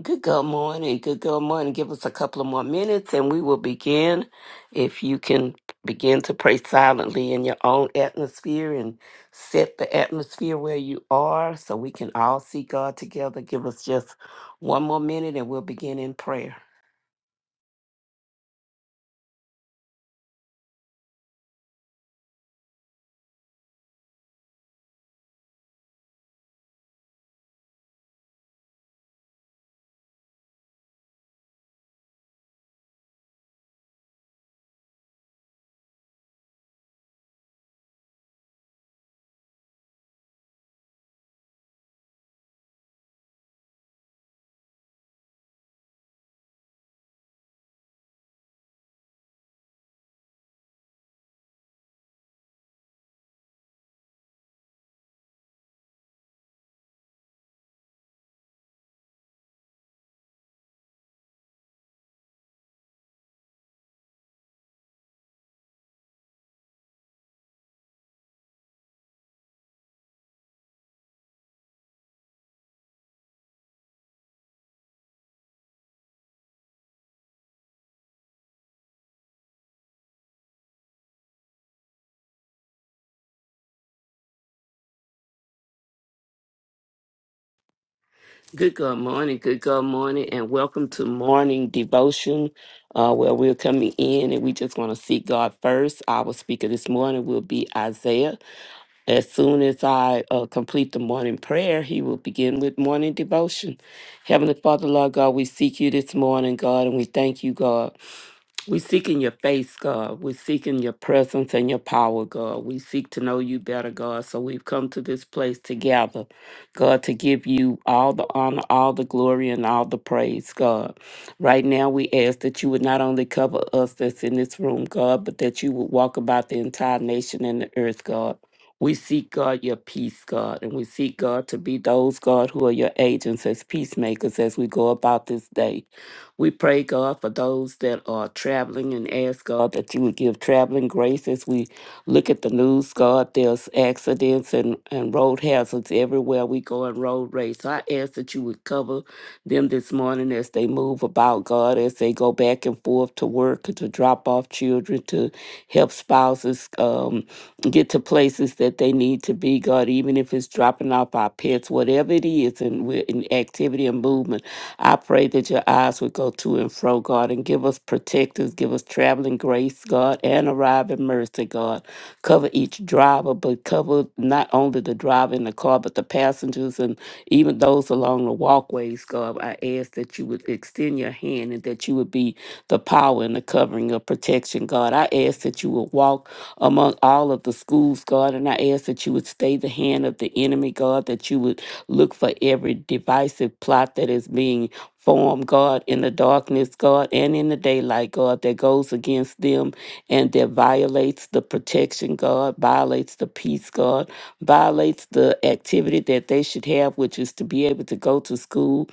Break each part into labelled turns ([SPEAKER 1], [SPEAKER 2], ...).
[SPEAKER 1] Good good morning. Good good morning. Give us a couple of more minutes and we will begin. If you can begin to pray silently in your own atmosphere and set the atmosphere where you are so we can all see God together. Give us just one more minute and we'll begin in prayer. Good good morning. Good good morning and welcome to morning devotion. Uh, where we're coming in and we just want to seek God first. Our speaker this morning will be Isaiah. As soon as I uh, complete the morning prayer, he will begin with morning devotion. Heavenly Father, Lord God, we seek you this morning, God, and we thank you, God. We seek in your face, God. We seek in your presence and your power, God. We seek to know you better, God. So we've come to this place together, God, to give you all the honor, all the glory, and all the praise, God. Right now, we ask that you would not only cover us that's in this room, God, but that you would walk about the entire nation and the earth, God. We seek, God, your peace, God, and we seek, God, to be those, God, who are your agents as peacemakers as we go about this day. We pray, God, for those that are traveling and ask, God, that you would give traveling grace as we look at the news, God. There's accidents and, and road hazards everywhere we go in road race. I ask that you would cover them this morning as they move about, God, as they go back and forth to work, to drop off children, to help spouses um, get to places that they need to be, God, even if it's dropping off our pets, whatever it is, and we're in activity and movement. I pray that your eyes would go to and fro, God, and give us protectors, give us traveling grace, God, and arriving mercy, God. Cover each driver, but cover not only the driver in the car, but the passengers and even those along the walkways, God. I ask that you would extend your hand and that you would be the power and the covering of protection, God. I ask that you would walk among all of the schools, God, and I ask that you would stay the hand of the enemy, God, that you would Look for every divisive plot that is being formed, God, in the darkness, God, and in the daylight, God, that goes against them and that violates the protection, God, violates the peace, God, violates the activity that they should have, which is to be able to go to school,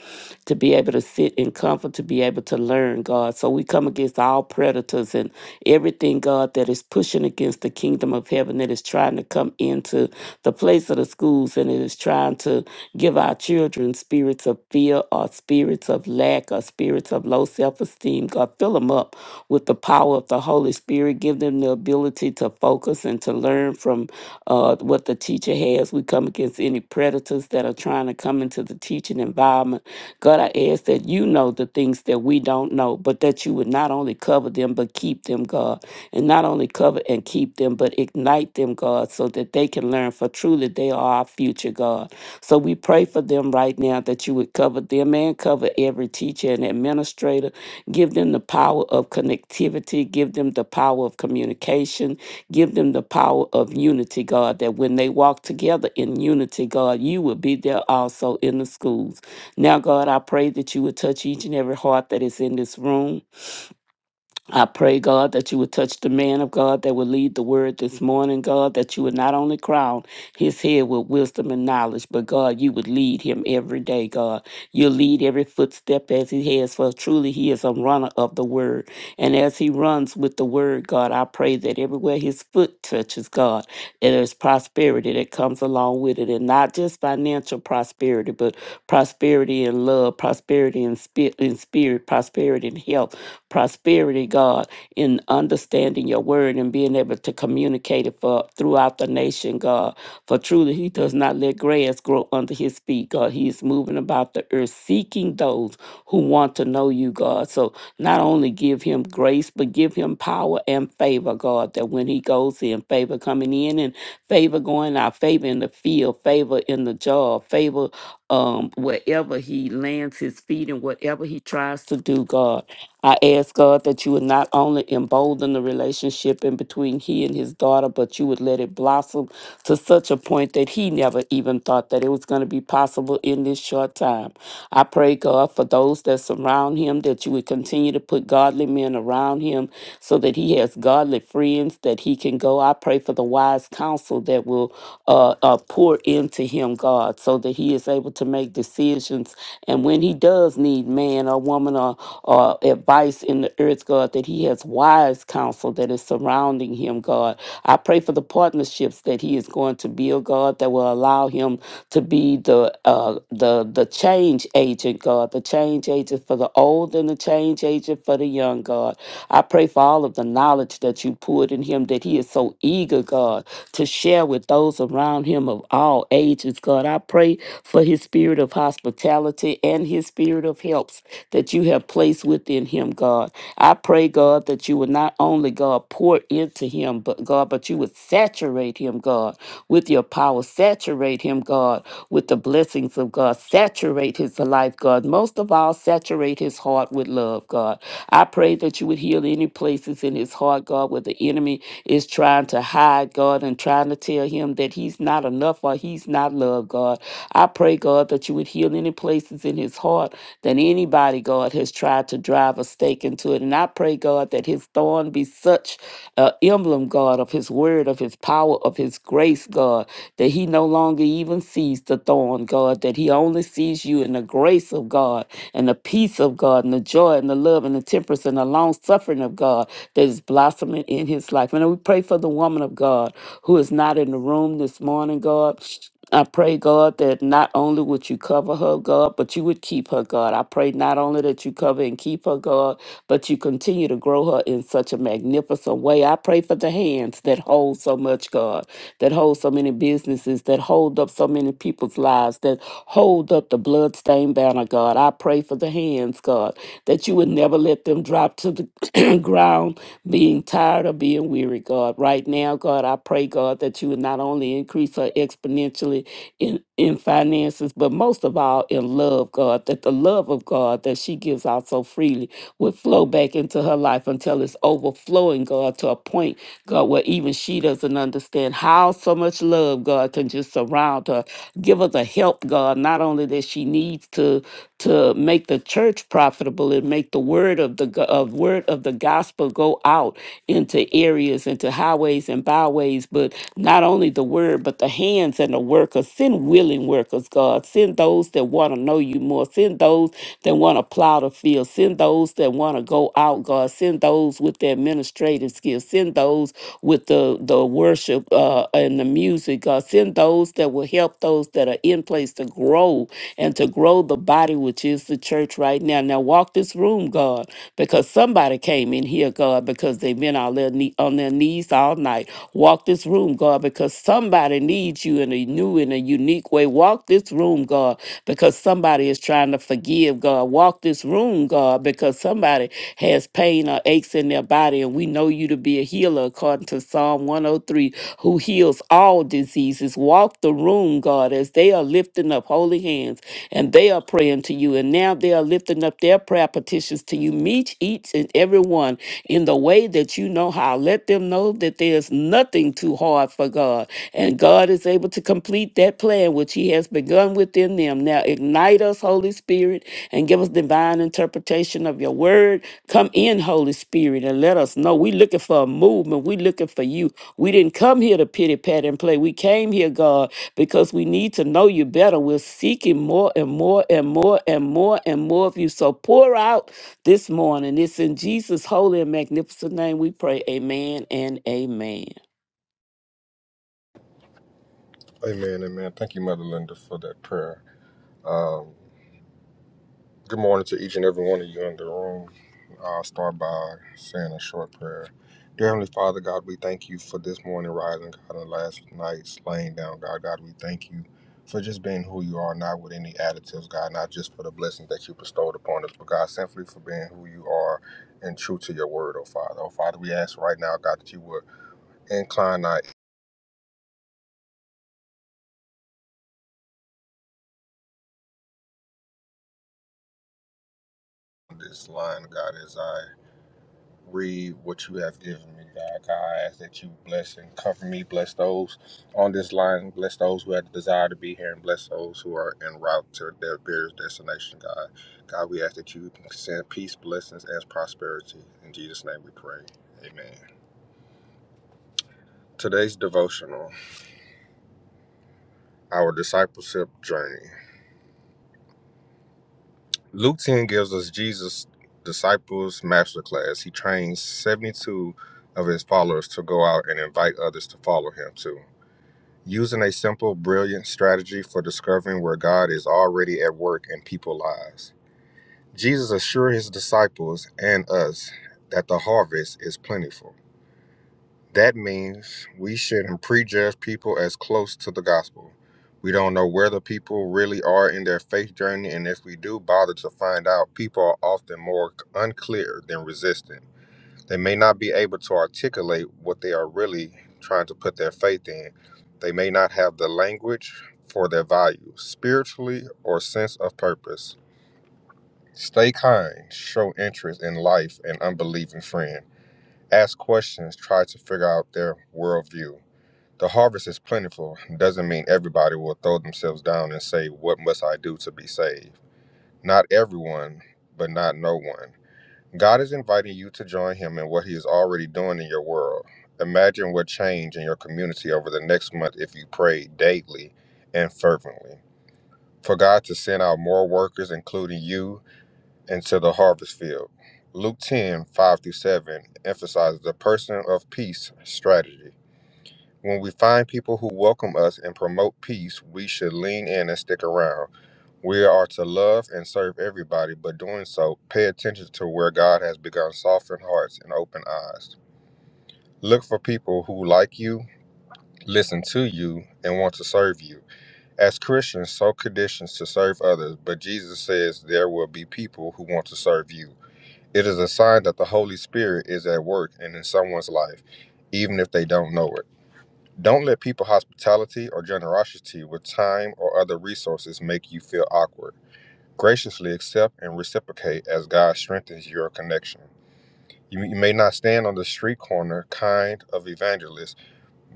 [SPEAKER 1] to be able to sit in comfort, to be able to learn, God. So we come against all predators and everything, God, that is pushing against the kingdom of heaven that is trying to come into the place of the schools and it is trying to to give our children spirits of fear or spirits of lack or spirits of low self esteem. God, fill them up with the power of the Holy Spirit. Give them the ability to focus and to learn from uh, what the teacher has. We come against any predators that are trying to come into the teaching environment. God, I ask that you know the things that we don't know, but that you would not only cover them, but keep them, God. And not only cover and keep them, but ignite them, God, so that they can learn, for truly they are our future, God. So we pray for them right now that you would cover them and cover every teacher and administrator. Give them the power of connectivity, give them the power of communication, give them the power of unity, God, that when they walk together in unity, God, you will be there also in the schools. Now, God, I pray that you would touch each and every heart that is in this room. I pray, God, that you would touch the man of God that would lead the word this morning, God, that you would not only crown his head with wisdom and knowledge, but God, you would lead him every day, God. You'll lead every footstep as he has, for truly he is a runner of the word. And as he runs with the word, God, I pray that everywhere his foot touches, God, it is prosperity that comes along with it, and not just financial prosperity, but prosperity in love, prosperity in spirit, in spirit prosperity in health prosperity, God, in understanding your word and being able to communicate it for throughout the nation, God. For truly he does not let grass grow under his feet, God. He is moving about the earth seeking those who want to know you, God. So not only give him grace, but give him power and favor, God, that when he goes in, favor coming in and favor going out, favor in the field, favor in the job, favor um, wherever he lands his feet and whatever he tries to do, God. I ask God that you would not only embolden the relationship in between he and his daughter, but you would let it blossom to such a point that he never even thought that it was going to be possible in this short time. I pray, God, for those that surround him, that you would continue to put godly men around him so that he has godly friends that he can go. I pray for the wise counsel that will uh, uh, pour poured into him, God, so that he is able to make decisions. And when he does need man or woman or, or advice in the earth, God, that he has wise counsel that is surrounding him, God. I pray for the partnerships that he is going to build, God, that will allow him to be the uh, the the change agent, God, the change agent for the old and the change agent for the young, God. I pray for all of the knowledge that you poured in him, that he is so eager, God, to share with those around him of all ages. God, I pray for his spirit of hospitality and his spirit of helps that you have placed within him, God. I pray, God, that you would not only, God, pour into him, but God, but you would saturate him, God, with your power. Saturate him, God, with the blessings of God. Saturate his life, God. Most of all, saturate his heart with love, God. I pray that you would heal any places in his heart, God, where the the enemy is trying to hide, God, and trying to tell him that he's not enough or he's not loved, God. I pray, God, that you would heal any places in his heart that anybody, God, has tried to drive a stake into it. And I pray, God, that his thorn be such an emblem, God, of his word, of his power, of his grace, God, that he no longer even sees the thorn, God, that he only sees you in the grace of God and the peace of God and the joy and the love and the temperance and the long suffering of God that is blossoming in his life. And we pray for the woman of God who is not in the room this morning, God. I pray, God, that not only would you cover her, God, but you would keep her, God. I pray not only that you cover and keep her, God, but you continue to grow her in such a magnificent way. I pray for the hands that hold so much, God, that hold so many businesses, that hold up so many people's lives, that hold up the bloodstained banner, God. I pray for the hands, God, God, that you would never let them drop to the ground being tired or being weary, God. Right now, God, I pray, God, that you would not only increase her exponentially in, in finances, but most of all in love, God, that the love of God that she gives out so freely would flow back into her life until it's overflowing, God, to a point, God, where even she doesn't understand how so much love, God, can just surround her. Give her the help, God, not only that she needs to to to make the church profitable and make the word of the go- of word of the gospel go out into areas into highways and byways but not only the word but the hands and the workers send willing workers god send those that want to know you more send those that want to plow the field send those that want to go out god send those with their administrative skills send those with the the worship uh, and the music god send those that will help those that are are in place to grow and to grow the body, which is the church right now. Now, walk this room, God, because somebody came in here, God, because they've been on their, knee, on their knees all night. Walk this room, God, because somebody needs you in a new and a unique way. Walk this room, God, because somebody is trying to forgive, God. Walk this room, God, because somebody has pain or aches in their body, and we know you to be a healer according to Psalm 103, who heals all diseases diseases. Walk the room, God, as they are lifting up holy hands and they are praying to you. And now they are lifting up their prayer petitions to you. Meet each and every one in the way that you know how. Let them know that there's nothing too hard for God. And God is able to complete that plan which He has begun within them. Now ignite us, Holy Spirit, and give us divine interpretation of your word. Come in, Holy Spirit, and let us know. We're looking for a movement. We're looking for you. We didn't come here to pity pat and play. We came here, God, because we need to know you better. We're seeking more and more and more and more and more of you. So pour out this morning. It's in Jesus' holy and magnificent name we pray. Amen and amen.
[SPEAKER 2] Amen, amen. Thank you, Mother Linda, for that prayer. Um, good morning to each and every one of you in the room. I'll start by saying a short prayer. Dear Heavenly Father, God, we thank you for this morning rising, God, and last night's laying down, God. God, we thank you for just being who you are, not with any additives, God, not just for the blessings that you bestowed upon us, but God, simply for being who you are and true to your word, oh Father. Oh Father, we ask right now, God, that you would incline our ear on this line, God, as I read what you have given me, God. God, I ask that you bless and cover me, bless those on this line, bless those who have the desire to be here, and bless those who are en route to their various destination, God. God, we ask that you send peace, blessings, and prosperity. In Jesus' name we pray. Amen. Today's devotional, our discipleship journey. Luke 10 gives us Jesus' disciples masterclass. He trains 72 of his followers to go out and invite others to follow him too. using a simple, brilliant strategy for discovering where God is already at work in people's lives. Jesus assured his disciples and us that the harvest is plentiful. That means we shouldn't prejudge people as close to the gospel. We don't know where the people really are in their faith journey, and if we do bother to find out, people are often more unclear than resistant. They may not be able to articulate what they are really trying to put their faith in. They may not have the language for their values, spiritually or sense of purpose. Stay kind, show interest in life and unbelieving friend. Ask questions, try to figure out their worldview. The harvest is plentiful, doesn't mean everybody will throw themselves down and say, What must I do to be saved? Not everyone, but not no one. God is inviting you to join Him in what He is already doing in your world. Imagine what change in your community over the next month if you pray daily and fervently. For God to send out more workers, including you, into the harvest field. Luke 10 5 through 7 emphasizes the person of peace strategy. When we find people who welcome us and promote peace, we should lean in and stick around. We are to love and serve everybody, but doing so, pay attention to where God has begun softened hearts and open eyes. Look for people who like you, listen to you, and want to serve you. As Christians, so conditions to serve others, but Jesus says there will be people who want to serve you. It is a sign that the Holy Spirit is at work and in someone's life, even if they don't know it. Don't let people hospitality or generosity with time or other resources make you feel awkward graciously accept and reciprocate as God strengthens your connection. You, you may not stand on the street corner kind of evangelist,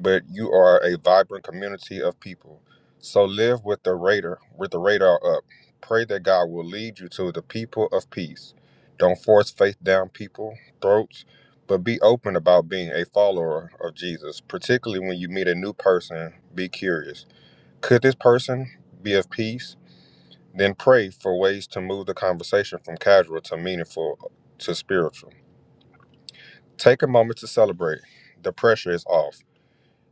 [SPEAKER 2] but you are a vibrant community of people. So live with the radar with the radar up. Pray that God will lead you to the people of peace. Don't force faith down people's throats, but be open about being a follower of Jesus, particularly when you meet a new person. Be curious. Could this person be of peace? Then pray for ways to move the conversation from casual to meaningful to spiritual. Take a moment to celebrate. The pressure is off.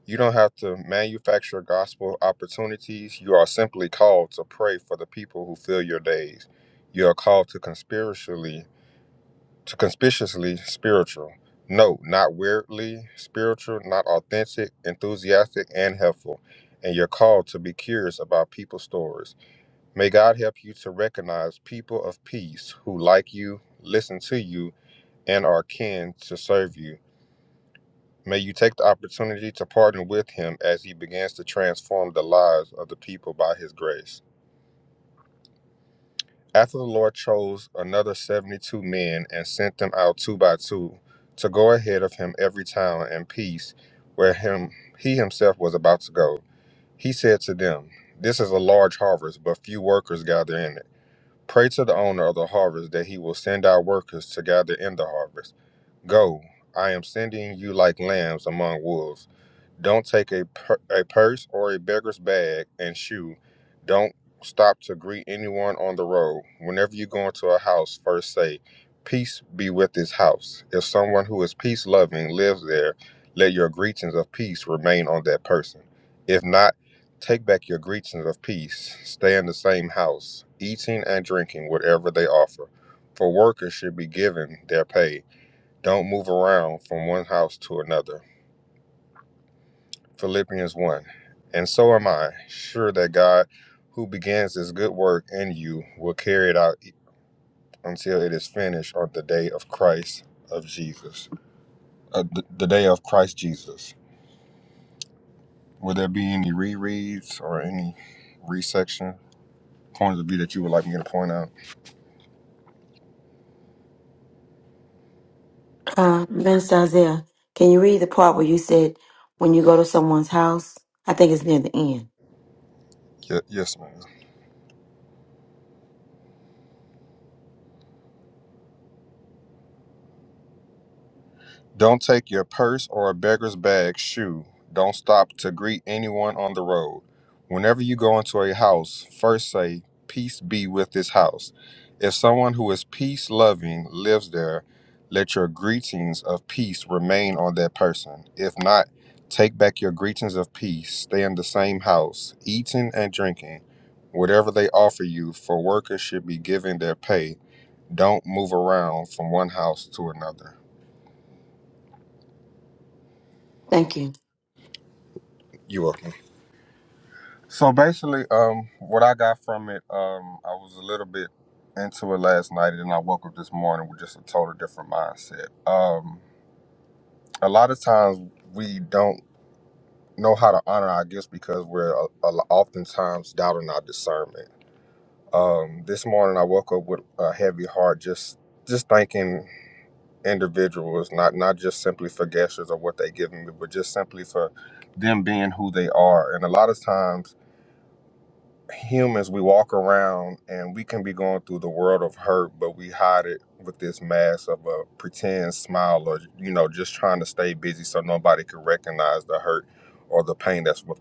[SPEAKER 2] You don't have to manufacture gospel opportunities. You are simply called to pray for the people who fill your days. You are called to conspiracially to conspicuously spiritual. No, not weirdly spiritual, not authentic, enthusiastic, and helpful. And you're called to be curious about people's stories May God help you to recognize people of peace who like you, listen to you, and are keen to serve you. May you take the opportunity to partner with him as he begins to transform the lives of the people by his grace. After the Lord chose another 72 men and sent them out two by two to go ahead of him every town and piece where him he himself was about to go, he said to them, This is a large harvest, but few workers gather in it. Pray to the owner of the harvest that he will send out workers to gather in the harvest. Go, I am sending you like lambs among wolves. Don't take a, pur- a purse or a beggar's bag and shoe. Don't stop to greet anyone on the road. Whenever you go into a house, first say, Peace be with this house. If someone who is peace loving lives there, let your greetings of peace remain on that person. If not, take back your greetings of peace. Stay in the same house, eating and drinking whatever they offer. For workers should be given their pay. Don't move around from one house to another. Philippians 1. And so am I sure that God, who begins his good work in you, will carry it out e, until it is finished on the day of Christ of Jesus, uh, the, the day of Christ Jesus. Will there be any rereads or any resection points of view that you would like me to point out?
[SPEAKER 3] Uh, Minister Isaiah, can you read the part where you said when you go to someone's house? I think it's near the end.
[SPEAKER 2] Ye- yes, ma'am. Don't take your purse or a beggar's bag, shoe. Don't stop to greet anyone on the road. Whenever you go into a house, first say, Peace be with this house. If someone who is peace loving lives there, let your greetings of peace remain on that person. If not, take back your greetings of peace. Stay in the same house, eating and drinking. Whatever they offer you, for workers should be given their pay. Don't move around from one house to another.
[SPEAKER 3] Thank you.
[SPEAKER 2] You welcome. So basically, um, what I got from it, um, I was a little bit into it last night, and then I woke up this morning with just a total different mindset. Um, a lot of times we don't know how to honor our gifts because we're uh, uh, oftentimes doubting our discernment. Um, this morning, I woke up with a heavy heart, just just thanking individuals, not not just simply for gestures or what they give me, but just simply for them being who they are. And a lot of times humans we walk around and we can be going through the world of hurt but we hide it with this mask of a pretend smile or you know just trying to stay busy so nobody can recognize the hurt or the pain that's with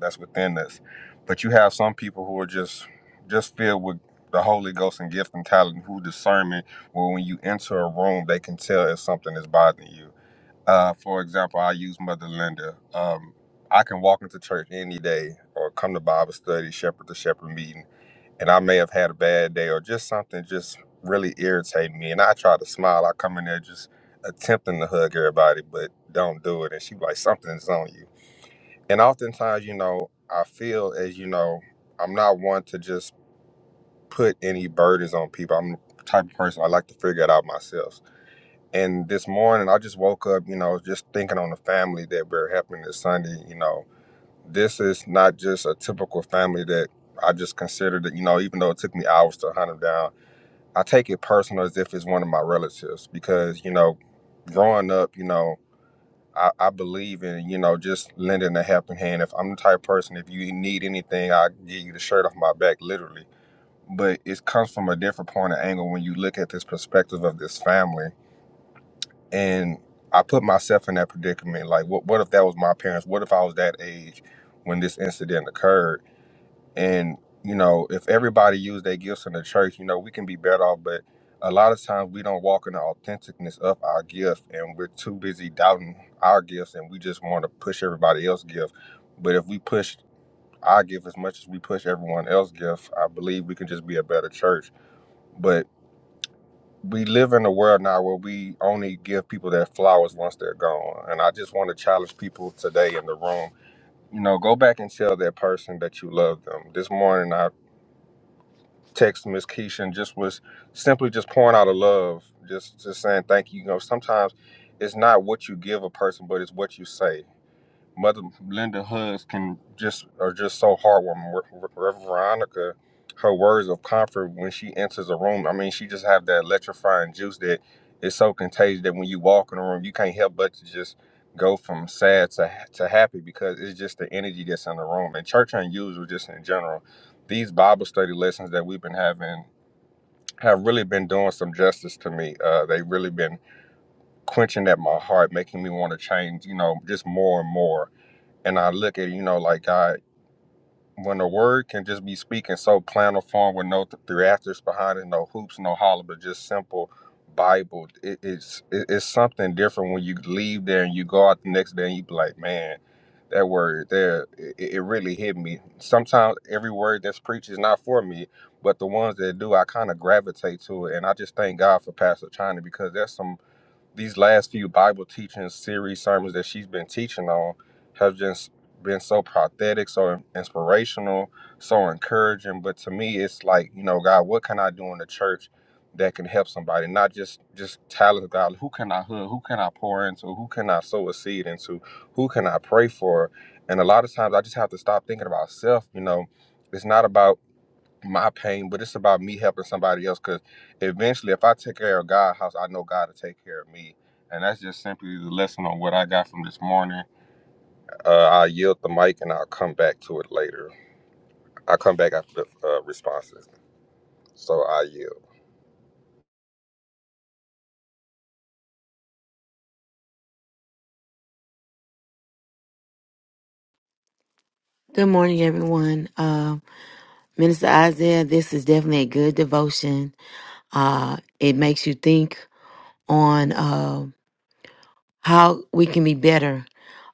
[SPEAKER 2] that's within us but you have some people who are just just filled with the holy ghost and gift and talent who discernment where when you enter a room they can tell if something is bothering you uh, for example, I use Mother Linda. Um, I can walk into church any day or come to Bible study, shepherd to shepherd meeting, and I may have had a bad day or just something just really irritating me. And I try to smile. I come in there just attempting to hug everybody, but don't do it. And she like, something's on you. And oftentimes, you know, I feel as you know, I'm not one to just put any burdens on people. I'm the type of person I like to figure it out myself. And this morning, I just woke up, you know, just thinking on the family that we're helping this Sunday. You know, this is not just a typical family that I just considered it, you know, even though it took me hours to hunt them down, I take it personal as if it's one of my relatives because, you know, growing up, you know, I, I believe in, you know, just lending a helping hand. If I'm the type of person, if you need anything, I give you the shirt off my back, literally. But it comes from a different point of angle when you look at this perspective of this family and I put myself in that predicament. Like, what what if that was my parents? What if I was that age when this incident occurred? And you know, if everybody used their gifts in the church, you know, we can be better off. But a lot of times we don't walk in the authenticness of our gift, and we're too busy doubting our gifts, and we just want to push everybody else's gift. But if we push our gift as much as we push everyone else's gift, I believe we can just be a better church. But we live in a world now where we only give people their flowers once they're gone. And I just want to challenge people today in the room. You know, go back and tell that person that you love them. This morning I text Miss Keisha and just was simply just pouring out of love, just just saying thank you. You know, sometimes it's not what you give a person, but it's what you say. Mother Linda Hoods can just are just so heartwarming. Re- Re- Veronica, her words of comfort when she enters a room. I mean, she just have that electrifying juice that is so contagious that when you walk in a room, you can't help but to just go from sad to ha- to happy because it's just the energy that's in the room. And church unusual, just in general, these Bible study lessons that we've been having have really been doing some justice to me. Uh, they've really been quenching at my heart, making me want to change. You know, just more and more and I look at you know like God when the word can just be speaking so plain or form with no th- theatrics behind it, no hoops, no holler, but just simple Bible. It, it's it, it's something different when you leave there and you go out the next day and you be like, man, that word there, it, it it really hit me. Sometimes every word that's preached is not for me, but the ones that do, I kind of gravitate to it, and I just thank God for Pastor China because there's some these last few Bible teaching series sermons that she's been teaching on have just been so prophetic, so inspirational, so encouraging. But to me, it's like, you know, God, what can I do in the church that can help somebody? Not just just talents, God. Who can I hood? Who can I pour into? Who can I sow a seed into? Who can I pray for? And a lot of times, I just have to stop thinking about self. You know, it's not about my pain, but it's about me helping somebody else. Because eventually, if I take care of God's house, I know God will take care of me. And that's just simply the lesson on what I got from this morning. Uh, I yield the mic and I'll come back to it later. I'll come back after the uh, responses. So I yield.
[SPEAKER 3] Good morning, everyone. Uh, Minister Isaiah, this is definitely a good devotion. Uh, it makes you think on uh, how we can be better,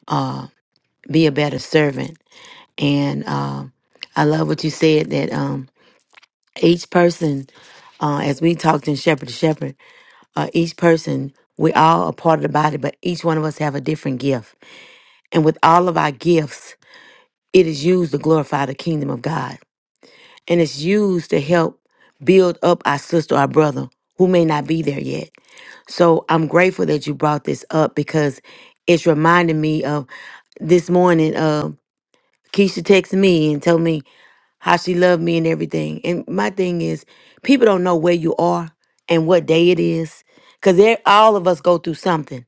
[SPEAKER 3] uh, be a better servant. And uh, I love what you said that um, each person, uh, as we talked in Shepherd to Shepherd, uh, each person, we all are part of the body, but each one of us have a different gift And with all of our gifts, it is used to glorify the kingdom of God. And it's used to help build up our sister, our brother who may not be there yet. So I'm grateful that you brought this up because it's reminding me of this morning. Uh, Keisha texted me and told me how she loved me and everything. And my thing is, people don't know where you are and what day it is because all of us go through something.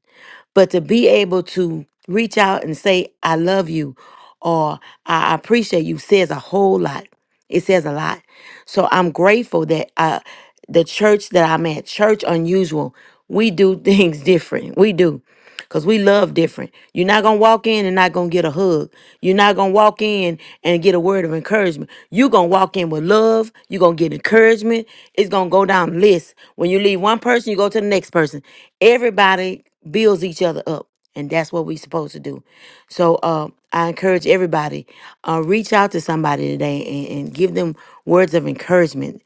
[SPEAKER 3] But to be able to reach out and say, I love you or I appreciate you says a whole lot. It says a lot. So I'm grateful that uh the church that I'm at, Church Unusual, we do things different. We do. Cause we love different. You're not gonna walk in and not gonna get a hug. You're not gonna walk in and get a word of encouragement. You're gonna walk in with love. You're gonna get encouragement. It's gonna go down the list. When you leave one person, you go to the next person. Everybody builds each other up. And that's what we're supposed to do. So uh, I encourage everybody, uh, reach out to somebody today and, and give them words of encouragement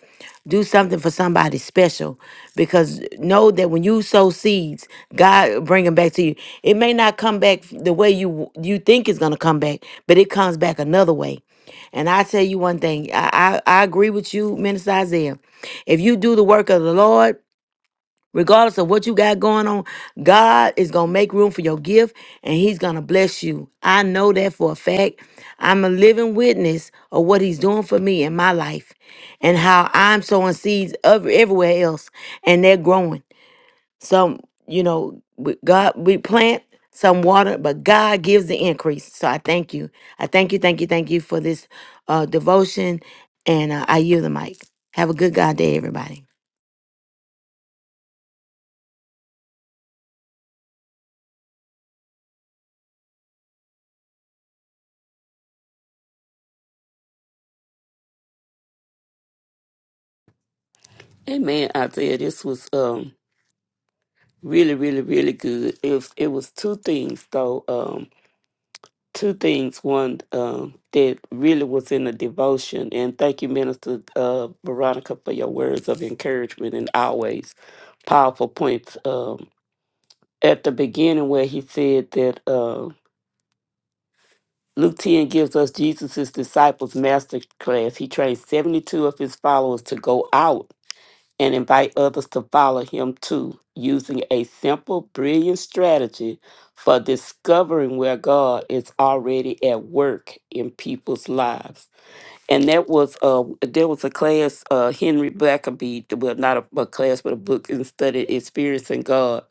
[SPEAKER 3] do something for somebody special because know that when you sow seeds god bring them back to you it may not come back the way you you think it's going to come back but it comes back another way and i tell you one thing i i, I agree with you minister isaiah if you do the work of the lord Regardless of what you got going on, God is going to make room for your gift and He's going to bless you. I know that for a fact. I'm a living witness of what He's doing for me in my life and how I'm sowing seeds ev- everywhere else and they're growing. Some, you know, we- God, we plant some water, but God gives the increase. So I thank you. I thank you, thank you, thank you for this uh, devotion. And uh, I yield the mic. Have a good God day, everybody.
[SPEAKER 1] Amen, Isaiah. This was um really, really, really good. It was, it was two things though. Um two things. One um that really was in the devotion. And thank you, Minister uh Veronica, for your words of encouragement and always. powerful points um, at the beginning where he said that uh, Luke 10 gives us Jesus' disciples master class. He trained 72 of his followers to go out and invite others to follow him too, using a simple, brilliant strategy for discovering where God is already at work in people's lives. and that was uh there was a class uh Henry Blackaby well not a, a class but a book and studied experiencing God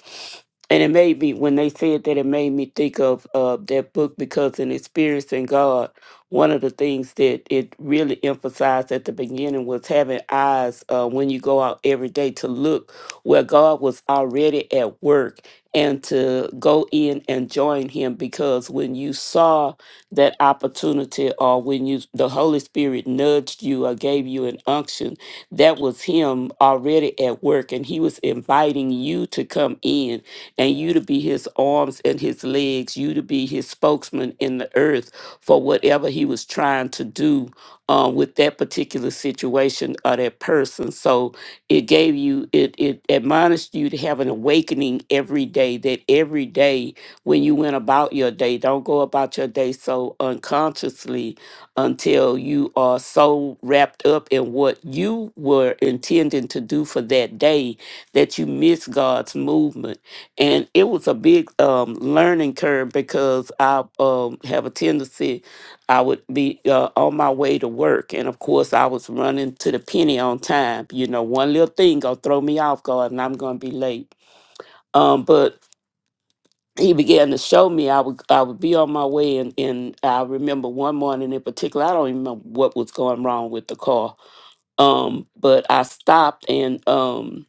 [SPEAKER 1] and it made me when they said that it made me think of uh that book because in experiencing God one of the things that it really emphasized at the beginning was having eyes uh, when you go out every day to look where God was already at work and to go in and join him because when you saw that opportunity or when you the Holy Spirit nudged you or gave you an unction, that was him already at work and he was inviting you to come in and you to be his arms and his legs, you to be his spokesman in the earth for whatever he was trying to do um, with that particular situation or that person. So it gave you, it, it admonished you to have an awakening every day, that every day when you went about your day. Don't go about your day so unconsciously until you are so wrapped up in what you were intending to do for that day that you miss God's movement. And it was a big um, learning curve because I um, have a tendency, I would be uh, on my way to work. And of course, I was running to the penny on time. You know, one little thing going to throw me off guard and I'm going to be late. Um, but he began to show me I would I would be on my way and, and I remember one morning in particular, I don't even know what was going wrong with the car. Um, but I stopped and um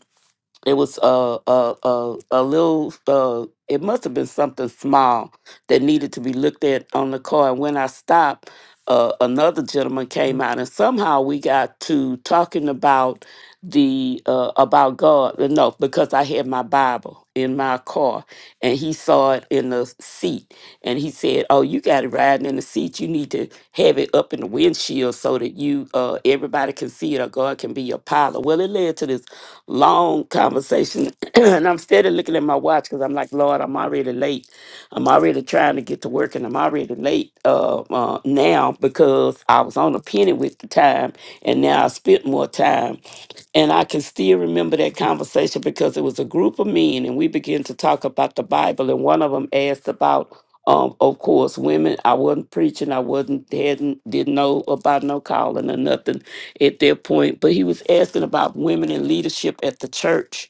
[SPEAKER 1] it was a a a, a little uh it must have been something small that needed to be looked at on the car. And when I stopped, uh, another gentleman came out, and somehow we got to talking about the uh, about God. Uh, No, because I had my Bible in my car, and he saw it in the seat, and he said, "Oh, you got it riding in the seat. You need to have it up in the windshield so that you uh, everybody can see it, or God can be your pilot." Well, it led to this long conversation, and I'm steady looking at my watch because I'm like, "Lord, I'm already late." I'm already trying to get to work and I'm already late uh, uh, now because I was on a penny with the time and now I spent more time. And I can still remember that conversation because it was a group of men and we began to talk about the Bible and one of them asked about um, of course, women, I wasn't preaching, I wasn't hadn't didn't know about no calling or nothing at that point. But he was asking about women in leadership at the church.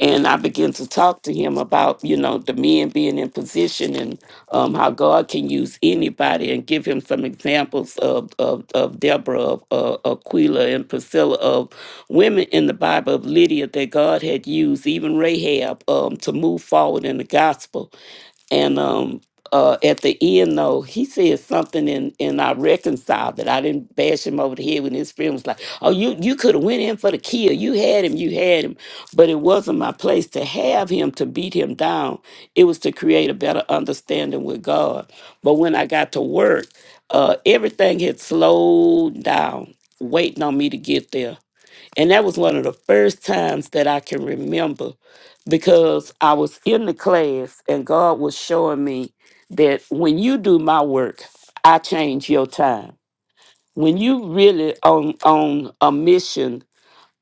[SPEAKER 1] And I began to talk to him about, you know, the men being in position and um, how God can use anybody and give him some examples of of, of Deborah, of uh, Aquila and Priscilla, of women in the Bible of Lydia that God had used, even Rahab, um, to move forward in the gospel and um uh at the end though he said something and and i reconciled it i didn't bash him over the head when his friend was like oh you you could have went in for the kill you had him you had him but it wasn't my place to have him to beat him down it was to create a better understanding with god but when i got to work uh everything had slowed down waiting on me to get there and that was one of the first times that I can remember because I was in the class and God was showing me that when you do my work, I change your time. When you really on on a mission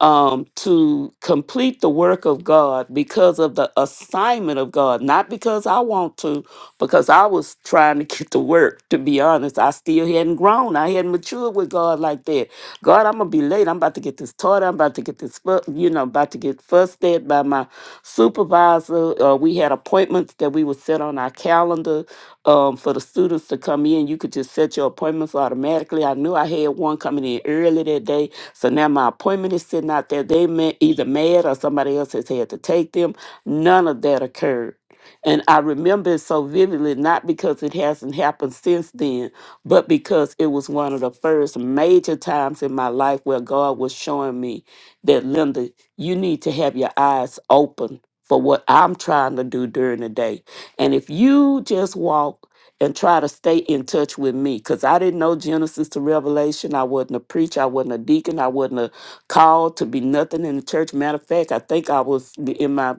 [SPEAKER 1] um, to complete the work of God because of the assignment of God, not because I want to, because I was trying to get to work, to be honest. I still hadn't grown. I hadn't matured with God like that. God, I'm going to be late. I'm about to get this taught. I'm about to get this, fu- you know, about to get fussed at by my supervisor. Uh, we had appointments that we would set on our calendar um, for the students to come in. You could just set your appointments automatically. I knew I had one coming in early that day so now my appointment is sitting out there. They may either mad or somebody else has had to take them. None of that occurred. And I remember it so vividly, not because it hasn't happened since then, but because it was one of the first major times in my life where God was showing me that, Linda, you need to have your eyes open for what I'm trying to do during the day. And if you just walk and try to stay in touch with me because I didn't know Genesis to Revelation. I wasn't a preacher, I wasn't a deacon, I wasn't a called to be nothing in the church. Matter of fact, I think I was in my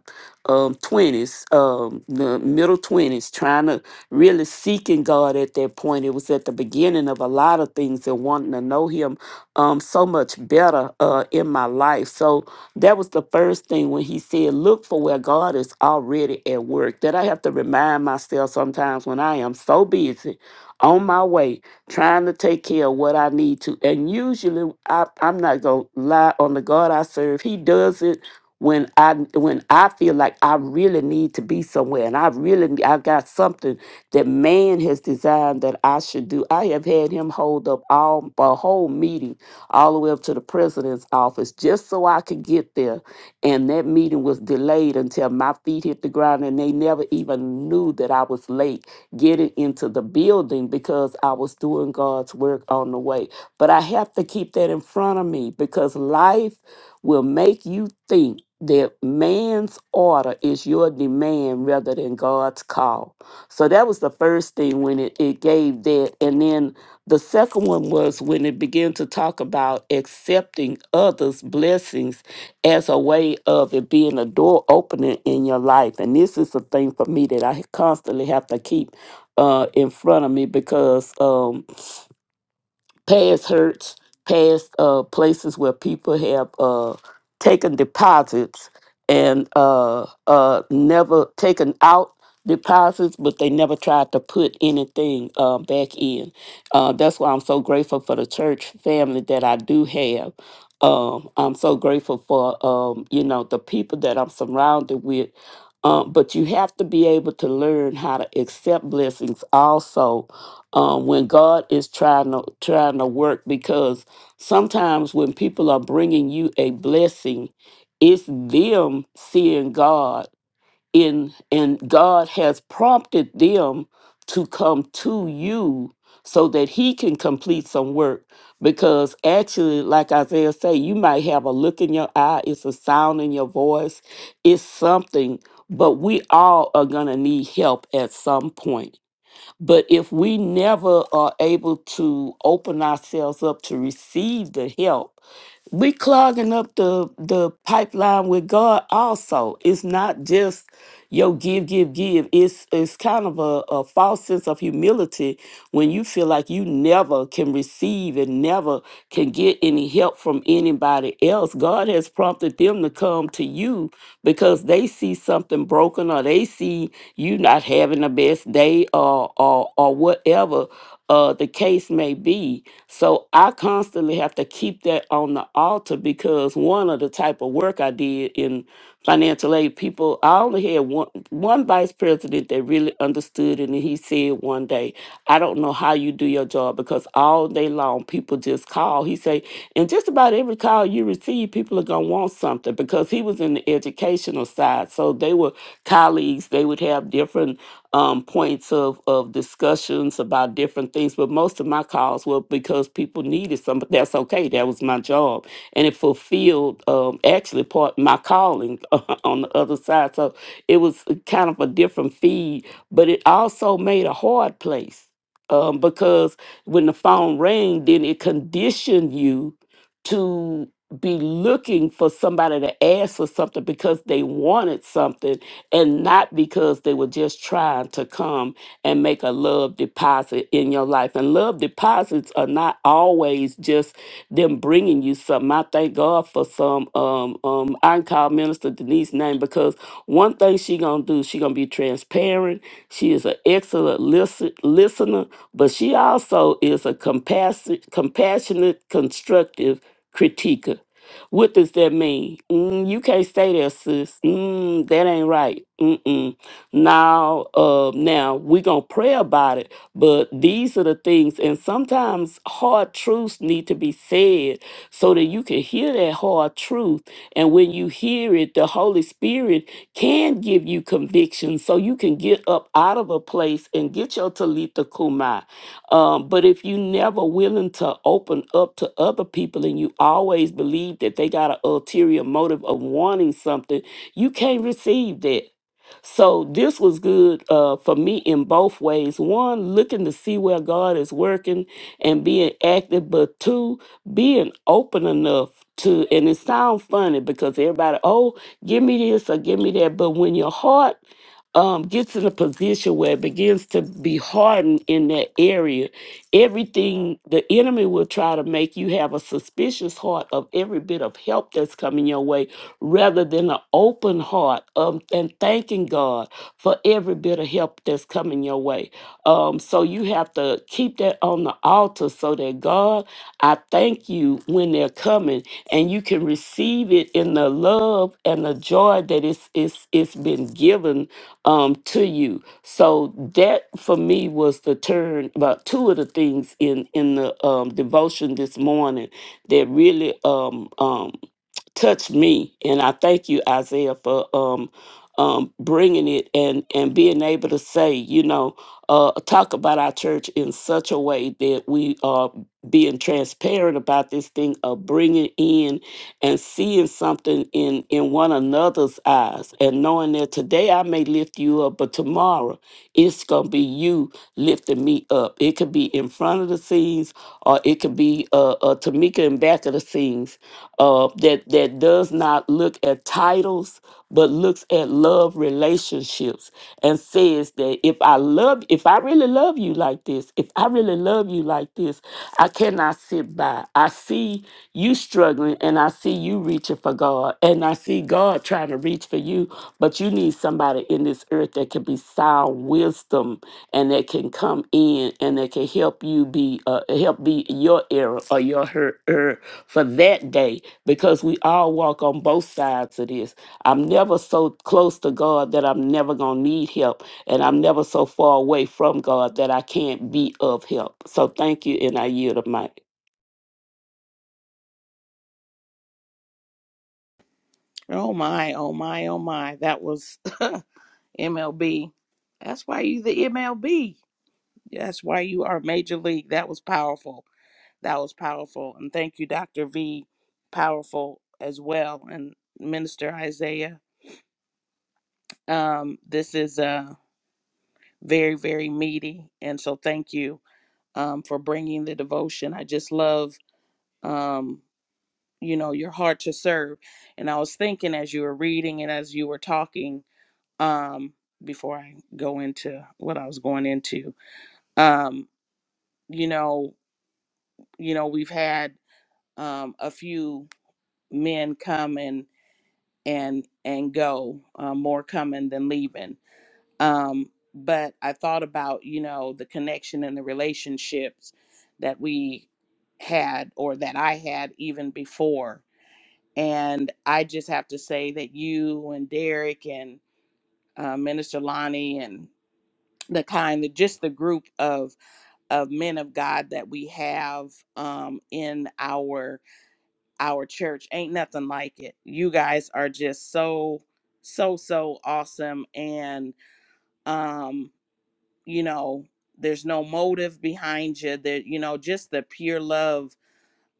[SPEAKER 1] um, 20s, um, the middle 20s, trying to really seeking God at that point. It was at the beginning of a lot of things and wanting to know Him um, so much better uh, in my life. So that was the first thing when he said, Look for where God is already at work. That I have to remind myself sometimes when I am so busy on my way trying to take care of what I need to. And usually, I, I'm not going to lie on the God I serve, He does it when I when I feel like I really need to be somewhere and I really I got something that man has designed that I should do. I have had him hold up all a whole meeting all the way up to the president's office just so I could get there. And that meeting was delayed until my feet hit the ground, and they never even knew that I was late getting into the building because I was doing God's work on the way. But I have to keep that in front of me because life will make you think that man's order is your demand rather than God's call. So that was the first thing when it, it gave that. And then the second one was when it began to talk about accepting others' blessings as a way of it being a door opener in your life. And this is a thing for me that I constantly have to keep uh, in front of me because. Um, past hurts, past uh, places where people have uh, taken deposits and uh, uh, never taken out deposits, but they never tried to put anything uh, back in. Uh, that's why I'm so grateful for the church family that I do have. Um, I'm so grateful for um, you know the people that I'm surrounded with. Um, but you have to be able to learn how to accept blessings also um, when God is trying to trying to work because sometimes when people are bringing you a blessing, it's them seeing God in and God has prompted them to come to you so that he can complete some work because actually like Isaiah say you might have a look in your eye it's a sound in your voice it's something but we all are going to need help at some point but if we never are able to open ourselves up to receive the help, we clogging up the the pipeline with God also. It's not just yo give give give it's it's kind of a, a false sense of humility when you feel like you never can receive and never can get any help from anybody else god has prompted them to come to you because they see something broken or they see you not having the best day or or, or whatever uh, the case may be. So I constantly have to keep that on the altar because one of the type of work I did in financial aid people. I only had one one vice president that really understood it, and he said one day, "I don't know how you do your job because all day long people just call." He say, "And just about every call you receive, people are gonna want something because he was in the educational side." side. So they were colleagues. They would have different um, points of, of discussions about different things. But most of my calls were because people needed some. That's okay. That was my job, and it fulfilled um, actually part my calling on the other side. So it was kind of a different feed, but it also made a hard place um, because when the phone rang, then it conditioned you. To be looking for somebody to ask for something because they wanted something and not because they were just trying to come and make a love deposit in your life. And love deposits are not always just them bringing you something. I thank God for some. Um, um, I can call Minister Denise name because one thing she gonna do, she gonna be transparent. She is an excellent listen, listener, but she also is a compassi- compassionate, constructive critiquer what does that mean? Mm, you can't stay there, sis. Mm, that ain't right. Mm-mm. Now, uh, now we gonna pray about it, but these are the things, and sometimes hard truths need to be said so that you can hear that hard truth. And when you hear it, the Holy Spirit can give you conviction, so you can get up out of a place and get your talitha kumai um, but if you never willing to open up to other people and you always believe that they got an ulterior motive of wanting something, you can't receive that. So this was good uh, for me in both ways. One, looking to see where God is working and being active, but two, being open enough to, and it sounds funny because everybody, oh, give me this or give me that. But when your heart um, gets in a position where it begins to be hardened in that area, everything the enemy will try to make you have a suspicious heart of every bit of help that's coming your way rather than an open heart um, and thanking God for every bit of help that's coming your way. Um, so you have to keep that on the altar so that God, I thank you when they're coming and you can receive it in the love and the joy that it's, it's, it's been given um, to you. So that for me was the turn about two of the things in in the um, devotion this morning that really um, um, touch me and i thank you isaiah for um um bringing it and and being able to say you know uh talk about our church in such a way that we are being transparent about this thing of bringing in and seeing something in in one another's eyes and knowing that today i may lift you up but tomorrow it's gonna be you lifting me up it could be in front of the scenes or it could be uh, uh tamika in back of the scenes uh, that that does not look at titles but looks at love relationships and says that if I love if I really love you like this, if I really love you like this, I cannot sit by. I see you struggling and I see you reaching for God and I see God trying to reach for you, but you need somebody in this earth that can be sound wisdom and that can come in and that can help you be uh, help be your error or your her, her for that day because we all walk on both sides of this. I'm never so close to God that I'm never going to need help, and I'm never so far away from God that I can't be of help. So thank you, and I yield the mic.
[SPEAKER 4] Oh my, oh my, oh my. That was MLB. That's why you the MLB. That's why you are major league. That was powerful. That was powerful. And thank you, Dr. V. Powerful as well. And Minister Isaiah. Um, this is uh very, very meaty. And so thank you um for bringing the devotion. I just love um, you know, your heart to serve. And I was thinking as you were reading and as you were talking, um, before I go into what I was going into. Um, you know, you know, we've had um, a few men come and and and go, uh, more coming than leaving. Um, but I thought about you know the connection and the relationships that we had or that I had even before. And I just have to say that you and Derek and uh, Minister Lonnie and the kind, that just the group of of men of God that we have um, in our our church. Ain't nothing like it. You guys are just so so so awesome, and um, you know, there's no motive behind you. That you know, just the pure love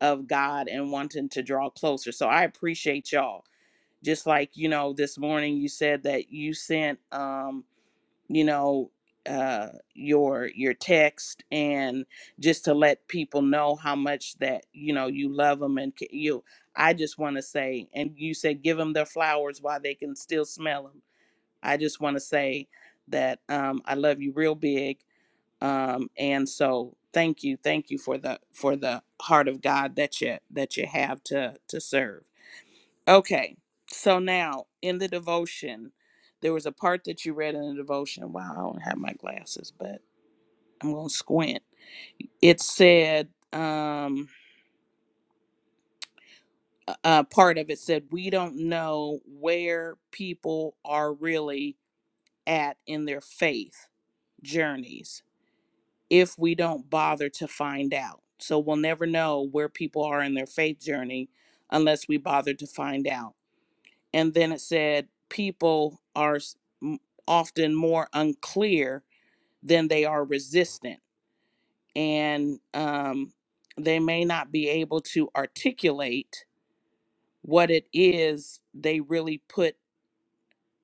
[SPEAKER 4] of God and wanting to draw closer. So I appreciate y'all. Just like you know, this morning you said that you sent. Um, you know uh your your text and just to let people know how much that you know you love them and ca- you i just want to say and you said give them their flowers while they can still smell them i just want to say that um i love you real big um and so thank you thank you for the for the heart of god that you that you have to to serve Okay. So now in the devotion, there was a part that you read in the devotion. Wow, I don't have my glasses, but I'm going to squint. It said, um, a a part of it said, we don't know where people are really at in their faith journeys if we don't bother to find out. So we'll never know where people are in their faith journey unless we bother to find out and then it said people are s- m- often more unclear than they are resistant and um, they may not be able to articulate what it is they really put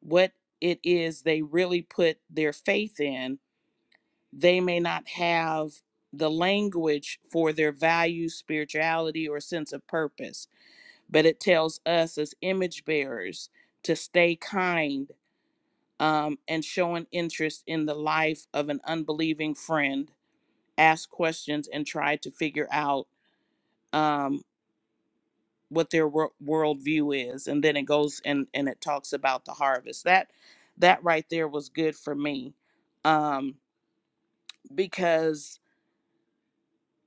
[SPEAKER 4] what it is they really put their faith in they may not have the language for their values spirituality or sense of purpose but it tells us as image bearers to stay kind um, and showing interest in the life of an unbelieving friend, ask questions and try to figure out um, what their wor- worldview is. And then it goes and, and it talks about the harvest. That that right there was good for me um, because